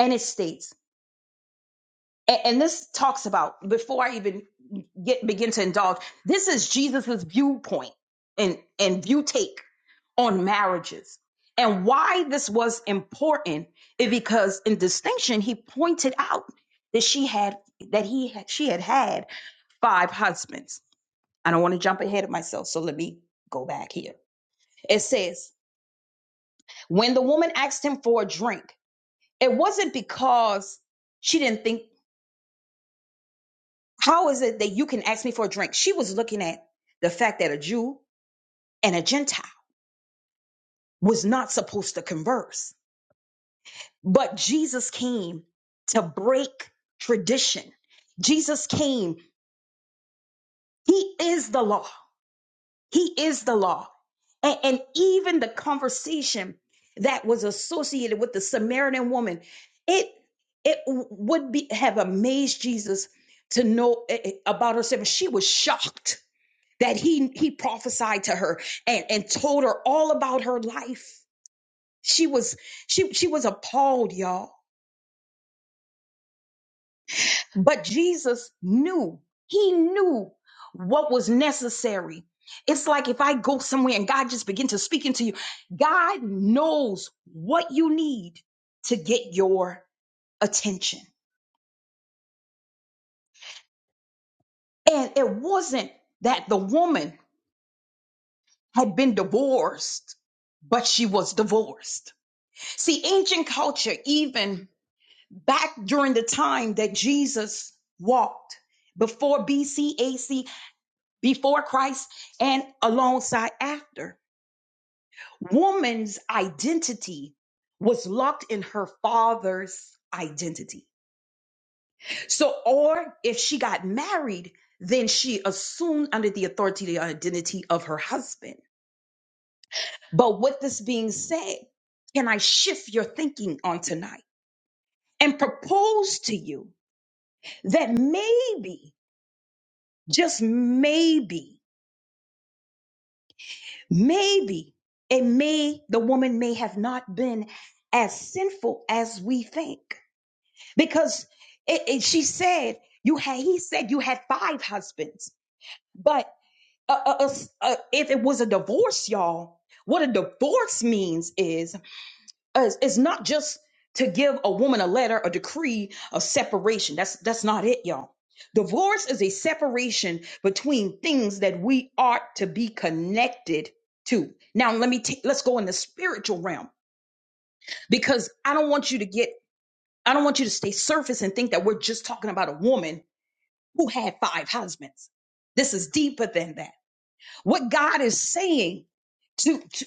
C: And it states, and, and this talks about before I even get begin to indulge, this is Jesus's viewpoint and and view take on marriages. And why this was important is because in distinction, he pointed out that she had that he had, she had had five husbands. I don't want to jump ahead of myself, so let me go back here. It says, when the woman asked him for a drink, it wasn't because she didn't think, how is it that you can ask me for a drink? She was looking at the fact that a Jew and a Gentile was not supposed to converse. But Jesus came to break tradition. Jesus came. He is the law. He is the law. And, and even the conversation that was associated with the Samaritan woman, it it would be have amazed Jesus to know eh, eh, about herself. She was shocked that he he prophesied to her and, and told her all about her life. She was she she was appalled, y'all But Jesus knew, he knew what was necessary. It's like if I go somewhere and God just begin to speak into you, God knows what you need to get your attention. And it wasn't that the woman had been divorced, but she was divorced. See, ancient culture, even back during the time that Jesus walked before BC, before Christ and alongside after. Woman's identity was locked in her father's identity. So, or if she got married, then she assumed under the authority the identity of her husband. But with this being said, can I shift your thinking on tonight and propose to you that maybe, just maybe, Maybe it may, the woman may have not been as sinful as we think because it, it- she said, you had, he said you had five husbands, but uh, uh, uh, uh, if it was a divorce, y'all, what a divorce means is it's, it's not just to give a woman a letter, a decree of separation. That's that's not it, y'all. Divorce is a separation between things that we ought to be connected to. Now, let me take let's go in the spiritual realm because I don't want you to get I don't want you to stay surface and think that we're just talking about a woman who had five husbands. This is deeper than that. What God is saying to to,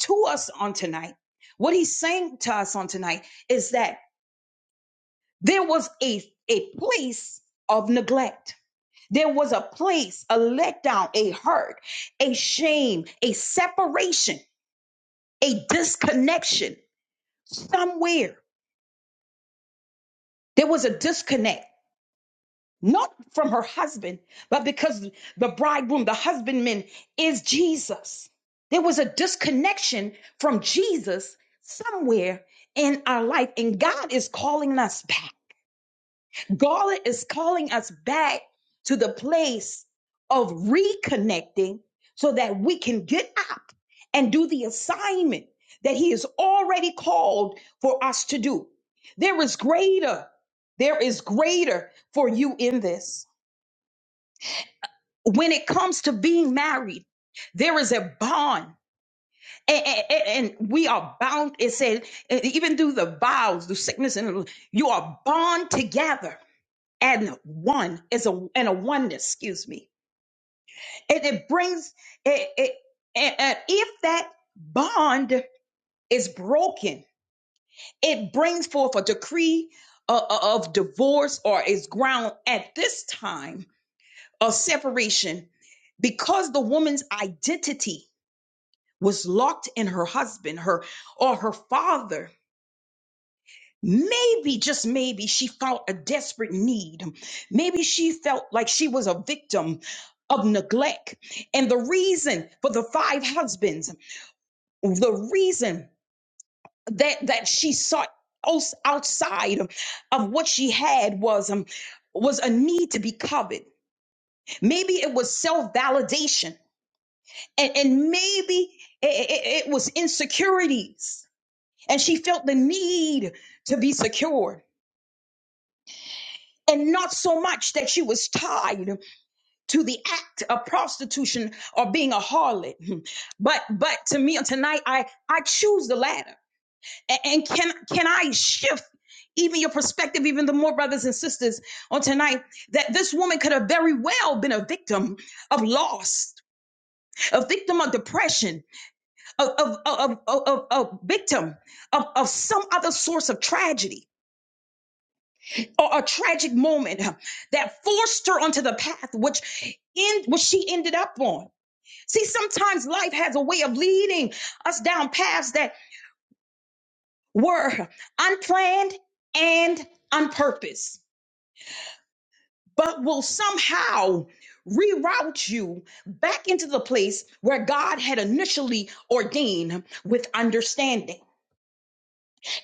C: to us on tonight, what he's saying to us on tonight is that There was a, a place of neglect. There was a place, a letdown, a hurt, a shame, a separation, a disconnection somewhere. There was a disconnect, not from her husband, but because the bridegroom, the husbandman is Jesus. There was a disconnection from Jesus somewhere in our life, and God is calling us back. God is calling us back to the place of reconnecting so that we can get up and do the assignment that he has already called for us to do. There is greater. There is greater for you in this. When it comes to being married, there is a bond. A- a- a- And, we are bound, it said, e- even through the vows, through sickness, and you are bound together and one is a and a oneness excuse me and it brings it, it and, and if that bond is broken it brings forth a decree uh, uh, of divorce or is ground at this time of separation because the woman's identity was locked in her husband her or her father Maybe, just maybe, she felt a desperate need. Maybe she felt like she was a victim of neglect. And the reason for the five husbands, the reason that that she sought outs- outside of, of what she had was um, was a need to be covered. Maybe it was self validation, and and maybe it, it it was insecurities, and she felt the need to be secure. and not so much that she was tied to the act of prostitution or being a harlot but but to me tonight i i choose the latter A- and, can can i shift even your perspective even the more brothers and sisters on tonight that this woman could have very well been a victim of loss a victim of depression of of of of, of, of- of victim of, of some other source of tragedy or a tragic moment that forced her onto the path which in which she ended up on. See, sometimes life has a way of leading us down paths that were unplanned and unpurposed, but will somehow reroute you back into the place where God had initially ordained with understanding.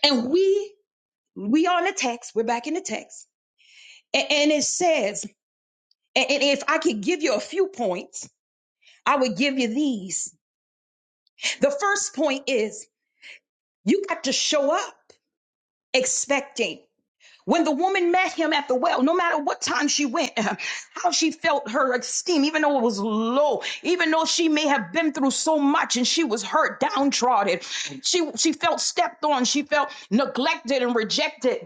C: And we we are in the text, we're back in the text. A- And it says, and and if I could give you a few points, I would give you these. The first point is you got to show up expecting. When the woman met him at the well, no matter what time she went, how she felt her esteem, even though it was low, even though she may have been through so much and she was hurt, downtrodden, she she felt stepped on, she felt neglected and rejected.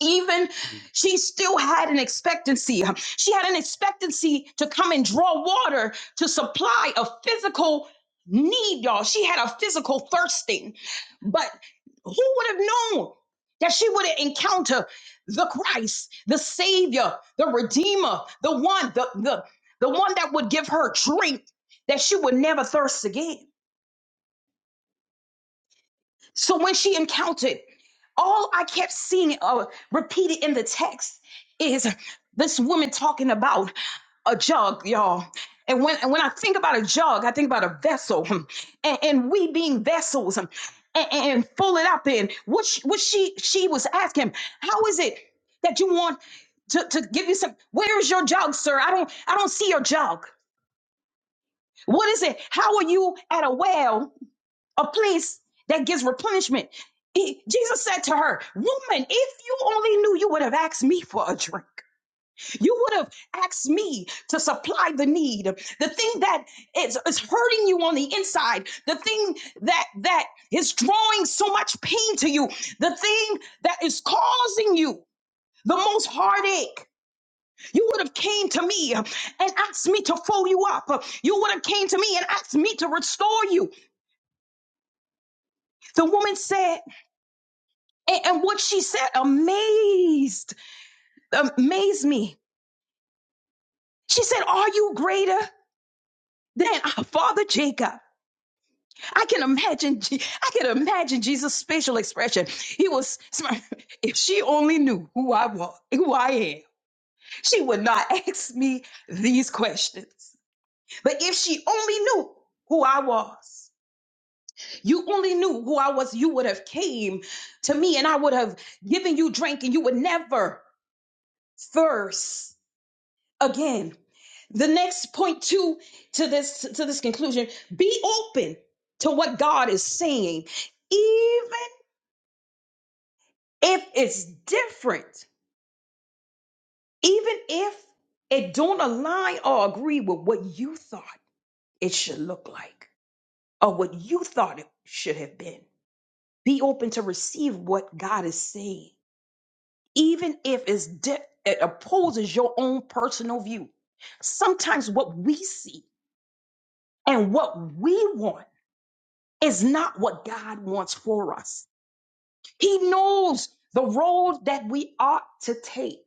C: even she still had an expectancy. She had an expectancy to come and draw water to supply a physical need, y'all. She had a physical thirsting. But who would have known that she would encounter the Christ, the Savior, the Redeemer, the one, the, the, the one that would give her drink that she would never thirst again? So when she encountered, all I kept seeing uh, repeated in the text is this woman talking about a jug, y'all. And when and when I think about a jug, I think about a vessel, and, and we being vessels, um, and, and fill it up. And what she, what she she was asking, how is it that you want to, to give you some? Where is your jug, sir? I don't I don't see your jug. What is it? How are you at a well? a place that gives replenishment. He- Jesus said to her, Woman, if you only knew, you would have asked me for a drink. You would have asked me to supply the need. The thing that is, is hurting you on the inside, the thing that that is drawing so much pain to you, the thing that is causing you the most heartache. You would have came to me and asked me to fold you up. You would have came to me and asked me to restore you. The woman said, And, and what she said amazed, amazed me. She said, Are you greater than our father Jacob? I can imagine, Je- I can imagine Jesus' facial expression. He was, if she only knew who I was, who I am, she would not ask me these questions. But if she only knew who I was, you only knew who I was, you would have came to me and I would have given you drink and you would never thirst Again, the next point two to this to this conclusion be open to what god is saying even if it's different even if it don't align or agree with what you thought it should look like or what you thought it should have been be open to receive what god is saying even if it's di- it opposes your own personal view sometimes what we see and what we want is not what God wants for us. He knows the road that we ought to take.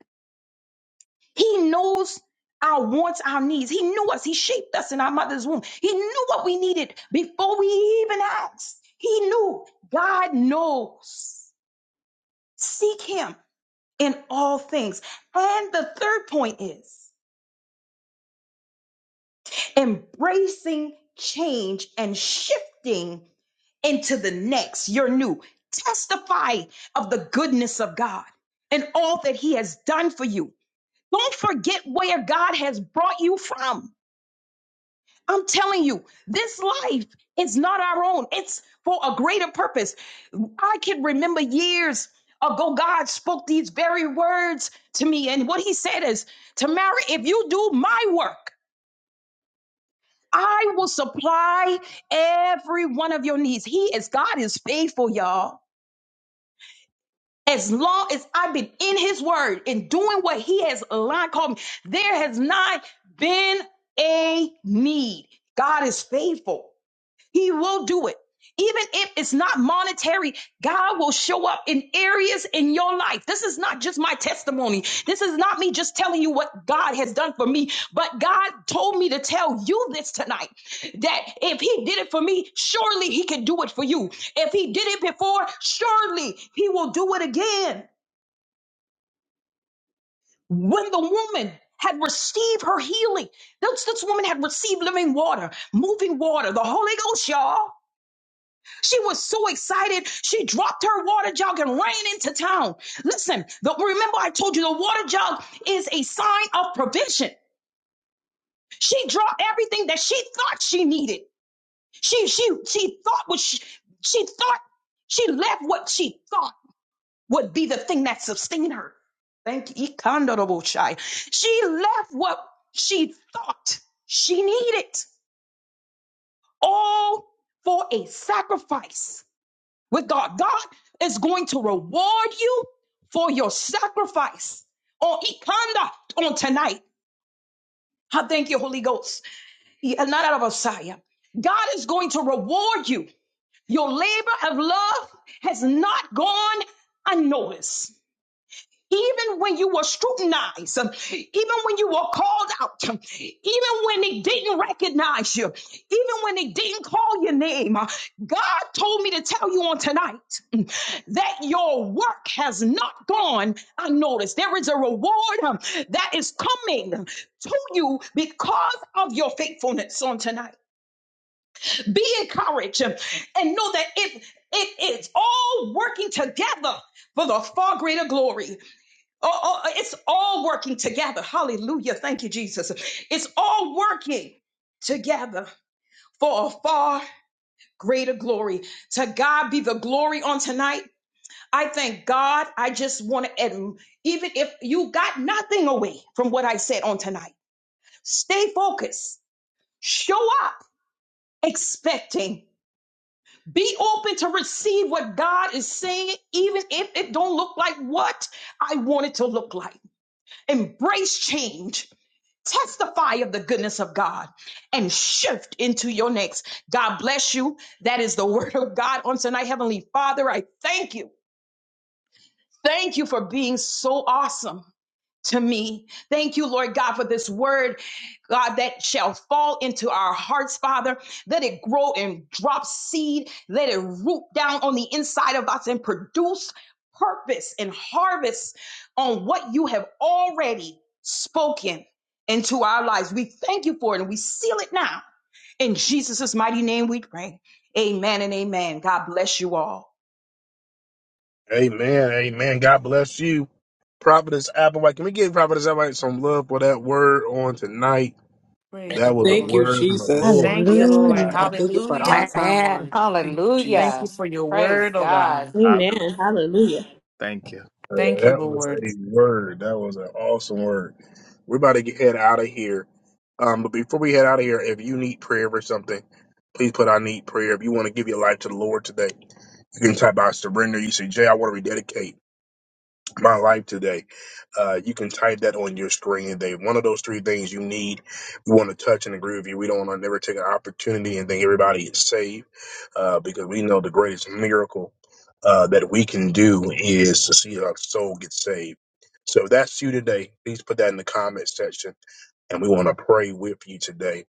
C: He knows our wants, our needs. He knew us. He shaped us in our mother's womb. He knew what we needed before we even asked. He knew. God knows. Seek Him in all things. And the third point is embracing change and shifting into the next, your new. Testify of the goodness of God and all that He has done for you. Don't forget where God has brought you from. I'm telling you, this life is not our own, it's for a greater purpose. I can remember years ago, God spoke these very words to me. And what He said is, Tamara, if you do my work, I will supply every one of your needs. He is God is faithful, y'all. As long as I've been in his word and doing what he has aligned, called me, there has not been a need. God is faithful. He will do it. Even if it's not monetary, God will show up in areas in your life. This is not just my testimony. This is not me just telling you what God has done for me, but God told me to tell you this tonight that if He did it for me, surely He can do it for you. If He did it before, surely He will do it again. When the woman had received her healing, this, this woman had received living water, moving water, the Holy Ghost, y'all. She was so excited. She dropped her water jug and ran into town. Listen, the, remember I told you the water jug is a sign of provision. She dropped everything that she thought she needed. She she she thought what she, she thought she left what she thought would be the thing that sustained her. Thank you, Ikandarabosai. She left what she thought she needed, all for a sacrifice. with God. God is going to reward you for your sacrifice on Ikanda on tonight. I thank you, Holy Ghost. Yeah, of Messiah. God is going to reward you. Your labor of love has not gone unnoticed even when you were scrutinized, um, even when you were called out, um, even when they didn't recognize you, even when they didn't call your name, uh, God told me to tell you on tonight um, that your work has not gone unnoticed. There is a reward um, that is coming to you because of your faithfulness on tonight. Be encouraged um, and know that it, it is all working together for the far greater glory. Oh, oh, oh, it's all working together. Hallelujah. Thank you, Jesus. It's all working together for a far greater glory. To God be the glory on tonight. I thank God. I just want to, even if you got nothing away from what I said on tonight, stay focused, show up expecting. Be open to receive what God is saying, even if it don't look like what I want it to look like. Embrace change testify of the goodness of God and shift into your next. God bless you. That is the word of God on tonight. Heavenly Father, I thank you. Thank you for being so awesome to me. Thank you, Lord God, for this word, God, that shall fall into our hearts, Father. Let it grow and drop seed. Let it root down on the inside of us and produce purpose and harvest on what you have already spoken into our lives. We thank you for it and we seal it now. In Jesus' mighty name we pray. Amen and amen. God bless you all.
A: Amen. Amen. God bless you. Prophetess Applewhite. Can we give Prophetess Applewhite some love for that word on tonight?
L: Praise the
A: That was a
B: Thank you,
L: Lord.
A: word from the
B: Jesus.
A: Lord.
L: Thank you,
B: Yes,
L: Lord.
B: Lord
H: Hallelujah.
B: God. Thank you for the on
L: Hallelujah.
B: time
N: Amen.
B: word. Thank you, Jesus.
L: Thank you
N: Hallelujah.
L: for your
N: Praise
L: word, oh
N: God.
L: God.
H: Hallelujah.
E: Amen. Hallelujah.
H: Thank you.
A: Uh,
L: Thank you,
A: That was
L: Lord.
A: a word. That was an awesome word. We're about to get head out of here. Um, but before we head out of here, if you need prayer for something, please put I need prayer. If you want to give your life to the Lord today, you can type out surrender. You say, Jay, I want to rededicate. my life today. Uh, you can type that on your screen today. One of those three things you need. We want to touch and agree with you. We don't want to never take an opportunity and think everybody is saved uh, because we know the greatest miracle uh, that we can do is to see our soul get saved. So if that's you today, please put that in the comment section and we want to pray with you today.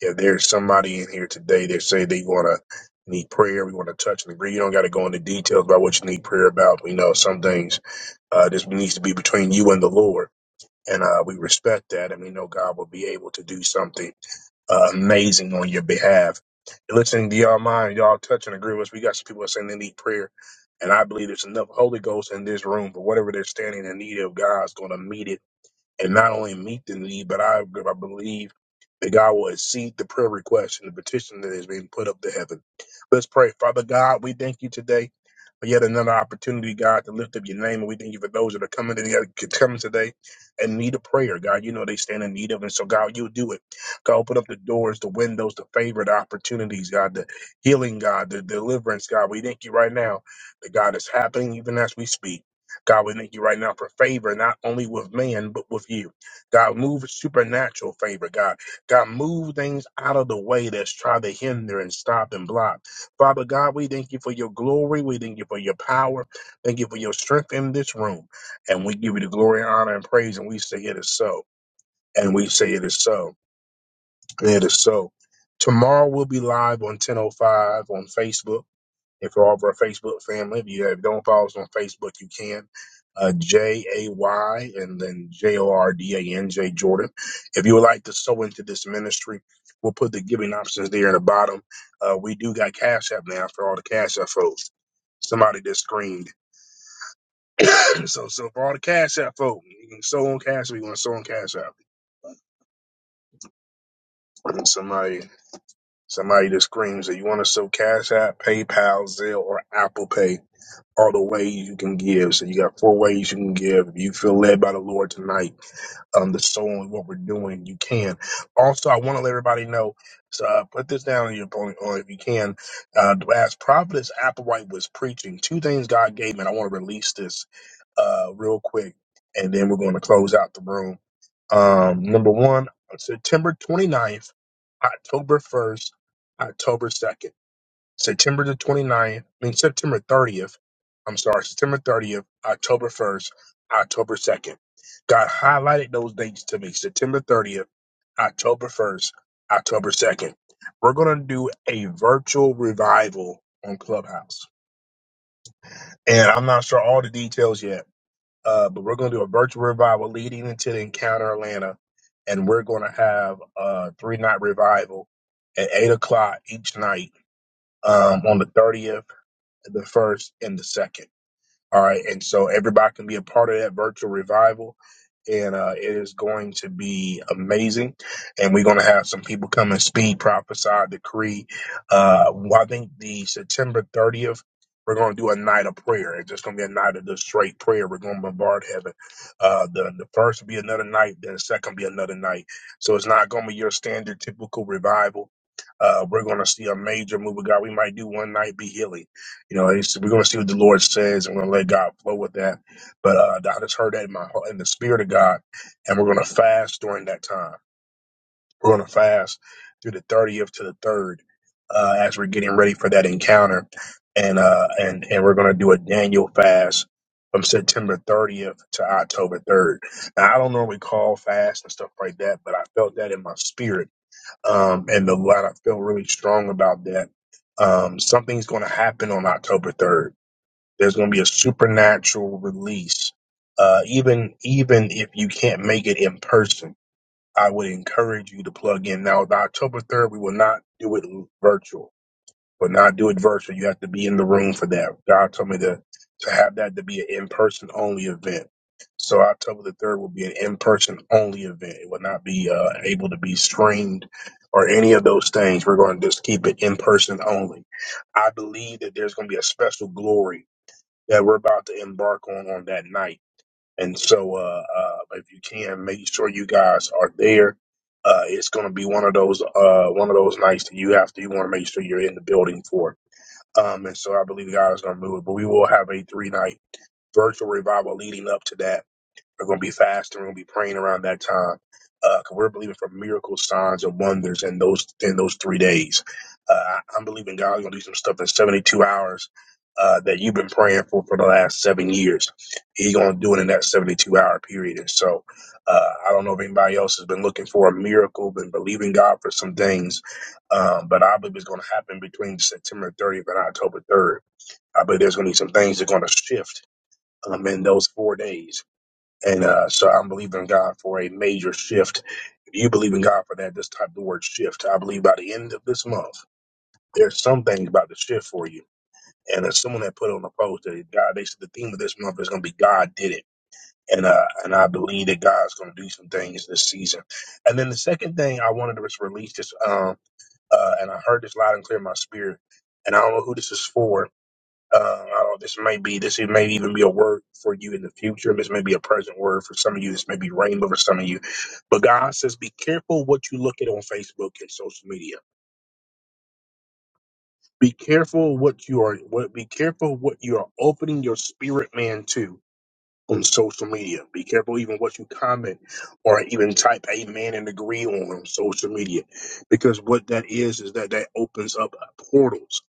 A: If there's somebody in here today that say they want to need prayer, we want to touch and agree. You don't got to go into details about what you need prayer about. We know some things uh, this needs to be between you and the Lord. And uh, we respect that, and we know God will be able to do something uh, amazing on your behalf. Listening to y'all mind, y'all touch and agree with us. We got some people that saying they need prayer, and I believe there's enough Holy Ghost in this room. But whatever they're standing in need of, God's going to meet it and not only meet the need, but I, I believe that God will exceed the prayer request and the petition that is being put up to heaven. Let's pray. Father God, we thank you today for yet another opportunity, God, to lift up your name. And we thank you for those that are coming today, coming today and need a prayer, God. You know they stand in need of it. So, God, you do it. God, open up the doors, the windows, the favor, the opportunities, God, the healing, God, the deliverance, God. We thank you right now that God is happening even as we speak. God, we thank you right now for favor, not only with man, but with you. God, move supernatural favor, God. God, move things out of the way that's trying to hinder and stop and block. Father God, we thank you for your glory. We thank you for your power. Thank you for your strength in this room. And we give you the glory, honor, and praise. And we say it is so. And we say it is so. And it is so. Tomorrow we'll be live on 10.05 on Facebook. If you're over a Facebook family, if you have don't follow us on Facebook, you can. Uh, J A Y and then J O R D A N J Jordan. If you would like to sow into this ministry, we'll put the giving options there in the bottom. Uh, we do got Cash App now for all the Cash App folks. Somebody just screamed. so, so for all the Cash App folks, you can sow on Cash App. You want to sow on Cash App? Somebody Somebody that screams that you want to sell Cash App, PayPal, Zelle, or Apple Pay all the ways you can give. So you got four ways you can give. If you feel led by the Lord tonight, um, the soul and what we're doing, you can. Also, I want to let everybody know. So uh, put this down on your opponent, or if you can. Uh, as Prophetess Applewhite was preaching, two things God gave me, and I want to release this uh, real quick, and then we're going to close out the room. Um, number one, September 29th, October 1st, October 2nd, September the 29th, I mean, September 30th, I'm sorry, September 30th, October 1st, October 2nd. God highlighted those dates to me September 30th, October 1st, October 2nd. We're going to do a virtual revival on Clubhouse. And I'm not sure all the details yet uh, but we're going to do a virtual revival leading into the Encounter Atlanta, and we're going to have a three night revival at eight o'clock each night um, on the thirtieth, the first, and the second. All right, and so everybody can be a part of that virtual revival and uh, it is going to be amazing. And we're going to have some people come and speak, prophesy, decree. Uh, well, I think the September 30th, we're going to do a night of prayer. It's just going to be a night of just straight prayer. We're going to bombard heaven. Uh, the the first will be another night, then the second will be another night. So it's not going to be your standard typical revival. Uh, we're going to see a major move of God. We might do one night be healing. You know, it's, we're going to see what the Lord says, and we're going to let God flow with that but uh, I just heard that in my in the spirit of God, and we're going to fast during that time. We're going to fast through the thirtieth to the third, uh, as we're getting ready for that encounter, and uh, and and we're going to do a Daniel fast from September thirtieth to October third. Now I don't normally call fast and stuff like that, but I felt that in my spirit, um, and the lot I feel really strong about that. Um, something's going to happen on October third there's going to be a supernatural release. Uh, even even if you can't make it in person, I would encourage you to plug in. Now, the October 3rd, we will not do it virtual. But not do it virtual. You have to be in the room for that. God told me to to have that to be an in person only event. So October the third will be an in person only event. It will not be uh, able to be streamed or any of those things. We're going to just keep it in person only. I believe that there's going to be a special glory that we're about to embark on on that night. And so, uh, uh, if you can, make sure you guys are there. Uh, it's going to be one of those uh, one of those nights that you have to you want to make sure you're in the building for. Um, and so, I believe God is going to move it, but we will have a three night virtual revival leading up to that we're going to be fasting. We're going to be praying around that time. Uh, 'cause we're believing for miracles, signs, and wonders in those in those three days. Uh, I- am believing God's going to do some stuff in 72 hours uh, that you've been praying for for the last seven years. He's going to do it in that 72 hour period. And so uh, I don't know if anybody else has been looking for a miracle, been believing God for some things, um, but I believe it's going to happen between September 30th and October 3rd. I believe there's going to be some things that's going to shift um, in those four days and uh, so I'm believing God for a major shift. If you believe in God for that, just type the word shift. I believe by the end of this month, there's some things about to shift for you. And as someone that put on the post that God, they said the theme of this month is going to be God did it. And uh, and I believe that God's going to do some things this season. And then the second thing I wanted to just release this, um, uh, and I heard this loud and clear in my spirit. And I don't know who this is for, uh, I don't, know. this may be this may even be a word for you in the future. This may be a present word for some of you. This may be rainbow for some of you. But God says, be careful what you look at on Facebook and social media. Be careful what you are. What be careful what you are opening your spirit man to on social media. Be careful even what you comment or even type amen and agree on on social media, because what that is is that that opens up portals.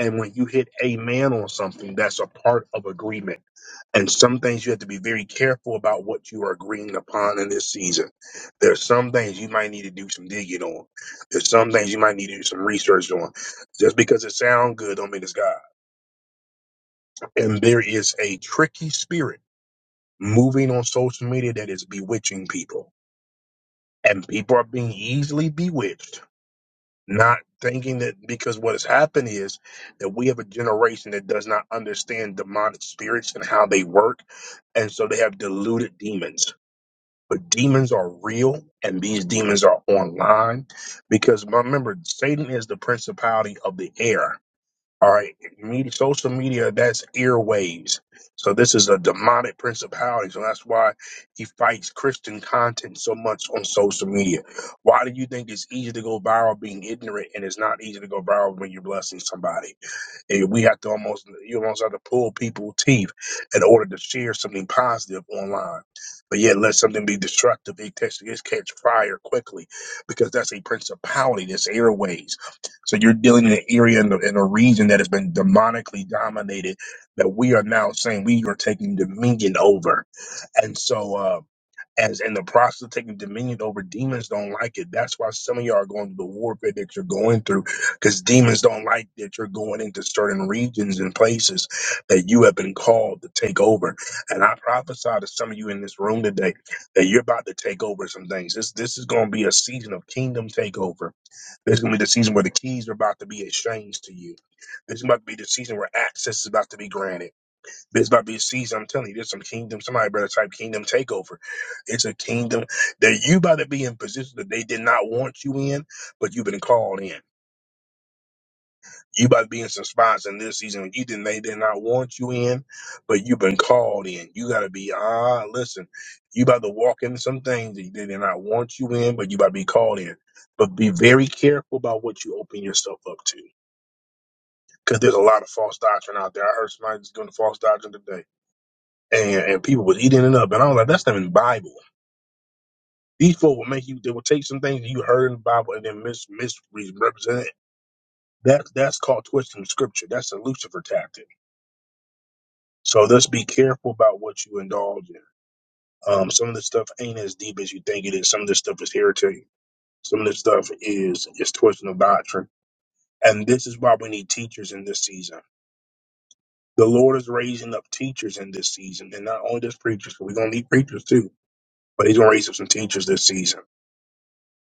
A: And when you hit amen on something, that's a part of agreement And some things you have to be very careful about what you are agreeing upon in this season. There are some things you might need to do some digging on. There's some things you might need to do some research on. Just because it sounds good don't mean it's God. And there is a tricky spirit moving on social media that is bewitching people. And people are being easily bewitched, not thinking that because what has happened is that we have a generation that does not understand demonic spirits and how they work. And so they have deluded demons but demons are real and these demons are online because remember satan is the principality of the air all right media, social media that's airwaves so this is a demonic principality so that's why he fights christian content so much on social media why do you think it's easy to go viral being ignorant and it's not easy to go viral when you're blessing somebody and we have to almost you almost have to pull people's teeth in order to share something positive online. But yet let something be destructive, it catch, it catch fire quickly because that's a principality, that's airways. So you're dealing in an area in, the, in a region that has been demonically dominated that we are now saying we are taking dominion over. And so uh, as in the process of taking dominion over demons don't like it. That's why some of y'all are going through the warfare that you're going through, because demons don't like that you're going into certain regions and places that you have been called to take over. And I prophesy to some of you in this room today that you're about to take over some things. This this is going to be a season of kingdom takeover. This is going to be the season where the keys are about to be exchanged to you. This is about to be the season where access is about to be granted. This about to be a season. I'm telling you, there's some kingdom. Somebody better type kingdom takeover. It's a kingdom that you about to be in positions that they did not want you in, but you've been called in. You about to be in some spots in this season you didn't they did not want you in, but you've been called in. You gotta be ah listen. You about to walk into some things that they did not want you in, but you about to be called in. But be very careful about what you open yourself up to, because there's a lot of false doctrine out there. I heard somebody just doing false doctrine today and, and people was eating it up. And I was like, that's not in the Bible. These folk will make you, they will take some things that you heard in the Bible and then mis- misrepresent it. That, that's called twisting scripture. That's a Lucifer tactic. So let's be careful about what you indulge in. Um, some of this stuff ain't as deep as you think it is. Some of this stuff is heretic. Some of this stuff is, is twisting of doctrine. And this is why we need teachers in this season. The Lord is raising up teachers in this season, and not only just preachers, but we're going to need preachers too. But He's going to raise up some teachers this season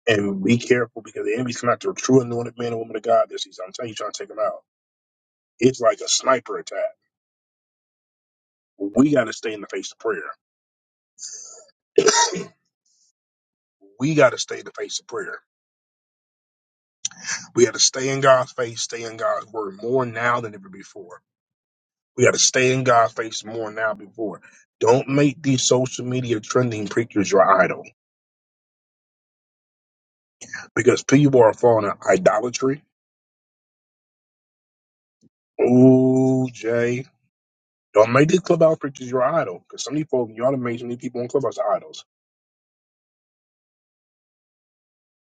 A: And be careful because the enemy's not the true anointed man and woman of God. This season. I'm telling you, trying to take him out. It's like a sniper attack. We got to stay in the face of prayer. We got to stay in the face of prayer. We got to stay in God's face, stay in God's word more now than ever before. We got to stay in God's face more now than before. Don't make these social media trending preachers your idol because people are falling in idolatry. Ooh, Jay. Don't make these clubhouse preachers your idol because some of these folks, y'all done made so many people on clubhouse idols.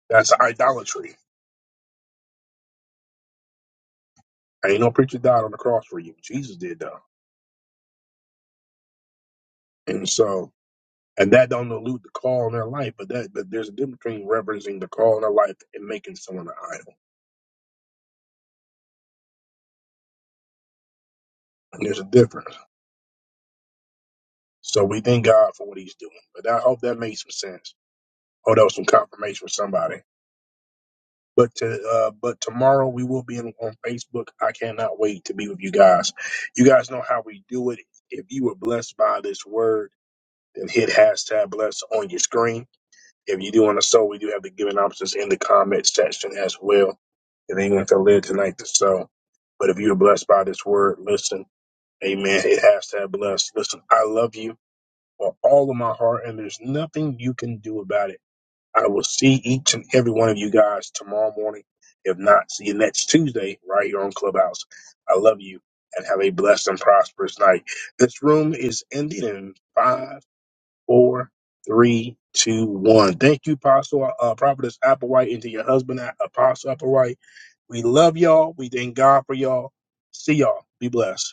A: That's idolatry. Ain't no preacher died on the cross for you. Jesus did though. And so and that don't elude the call in their life, but that but there's a difference between reverencing the call in their life and making someone an idol. And there's a difference. So we thank God for what he's doing. But I hope that made some sense. Hope that was some confirmation for somebody. But to uh, but tomorrow we will be in, on Facebook. I cannot wait to be with you guys. You guys know how we do it. If you were blessed by this word, then hit hashtag blessed on your screen If you do want to sow, we do have the giving options in the comment section as well. If anyone to live tonight to sow. But if you're blessed by this word, listen. Amen. It has to have blessed. Listen, I love you with all of my heart, and there's nothing you can do about it. I will see each and every one of you guys tomorrow morning. If not, see you next Tuesday right here on Clubhouse. I love you and have a blessed and prosperous night. This room is ending in five four, three, two, one. Thank you, Apostle uh, Prophetess Applewhite, and to your husband, Apostle Applewhite. We love y'all. We thank God for y'all. See y'all. Be blessed.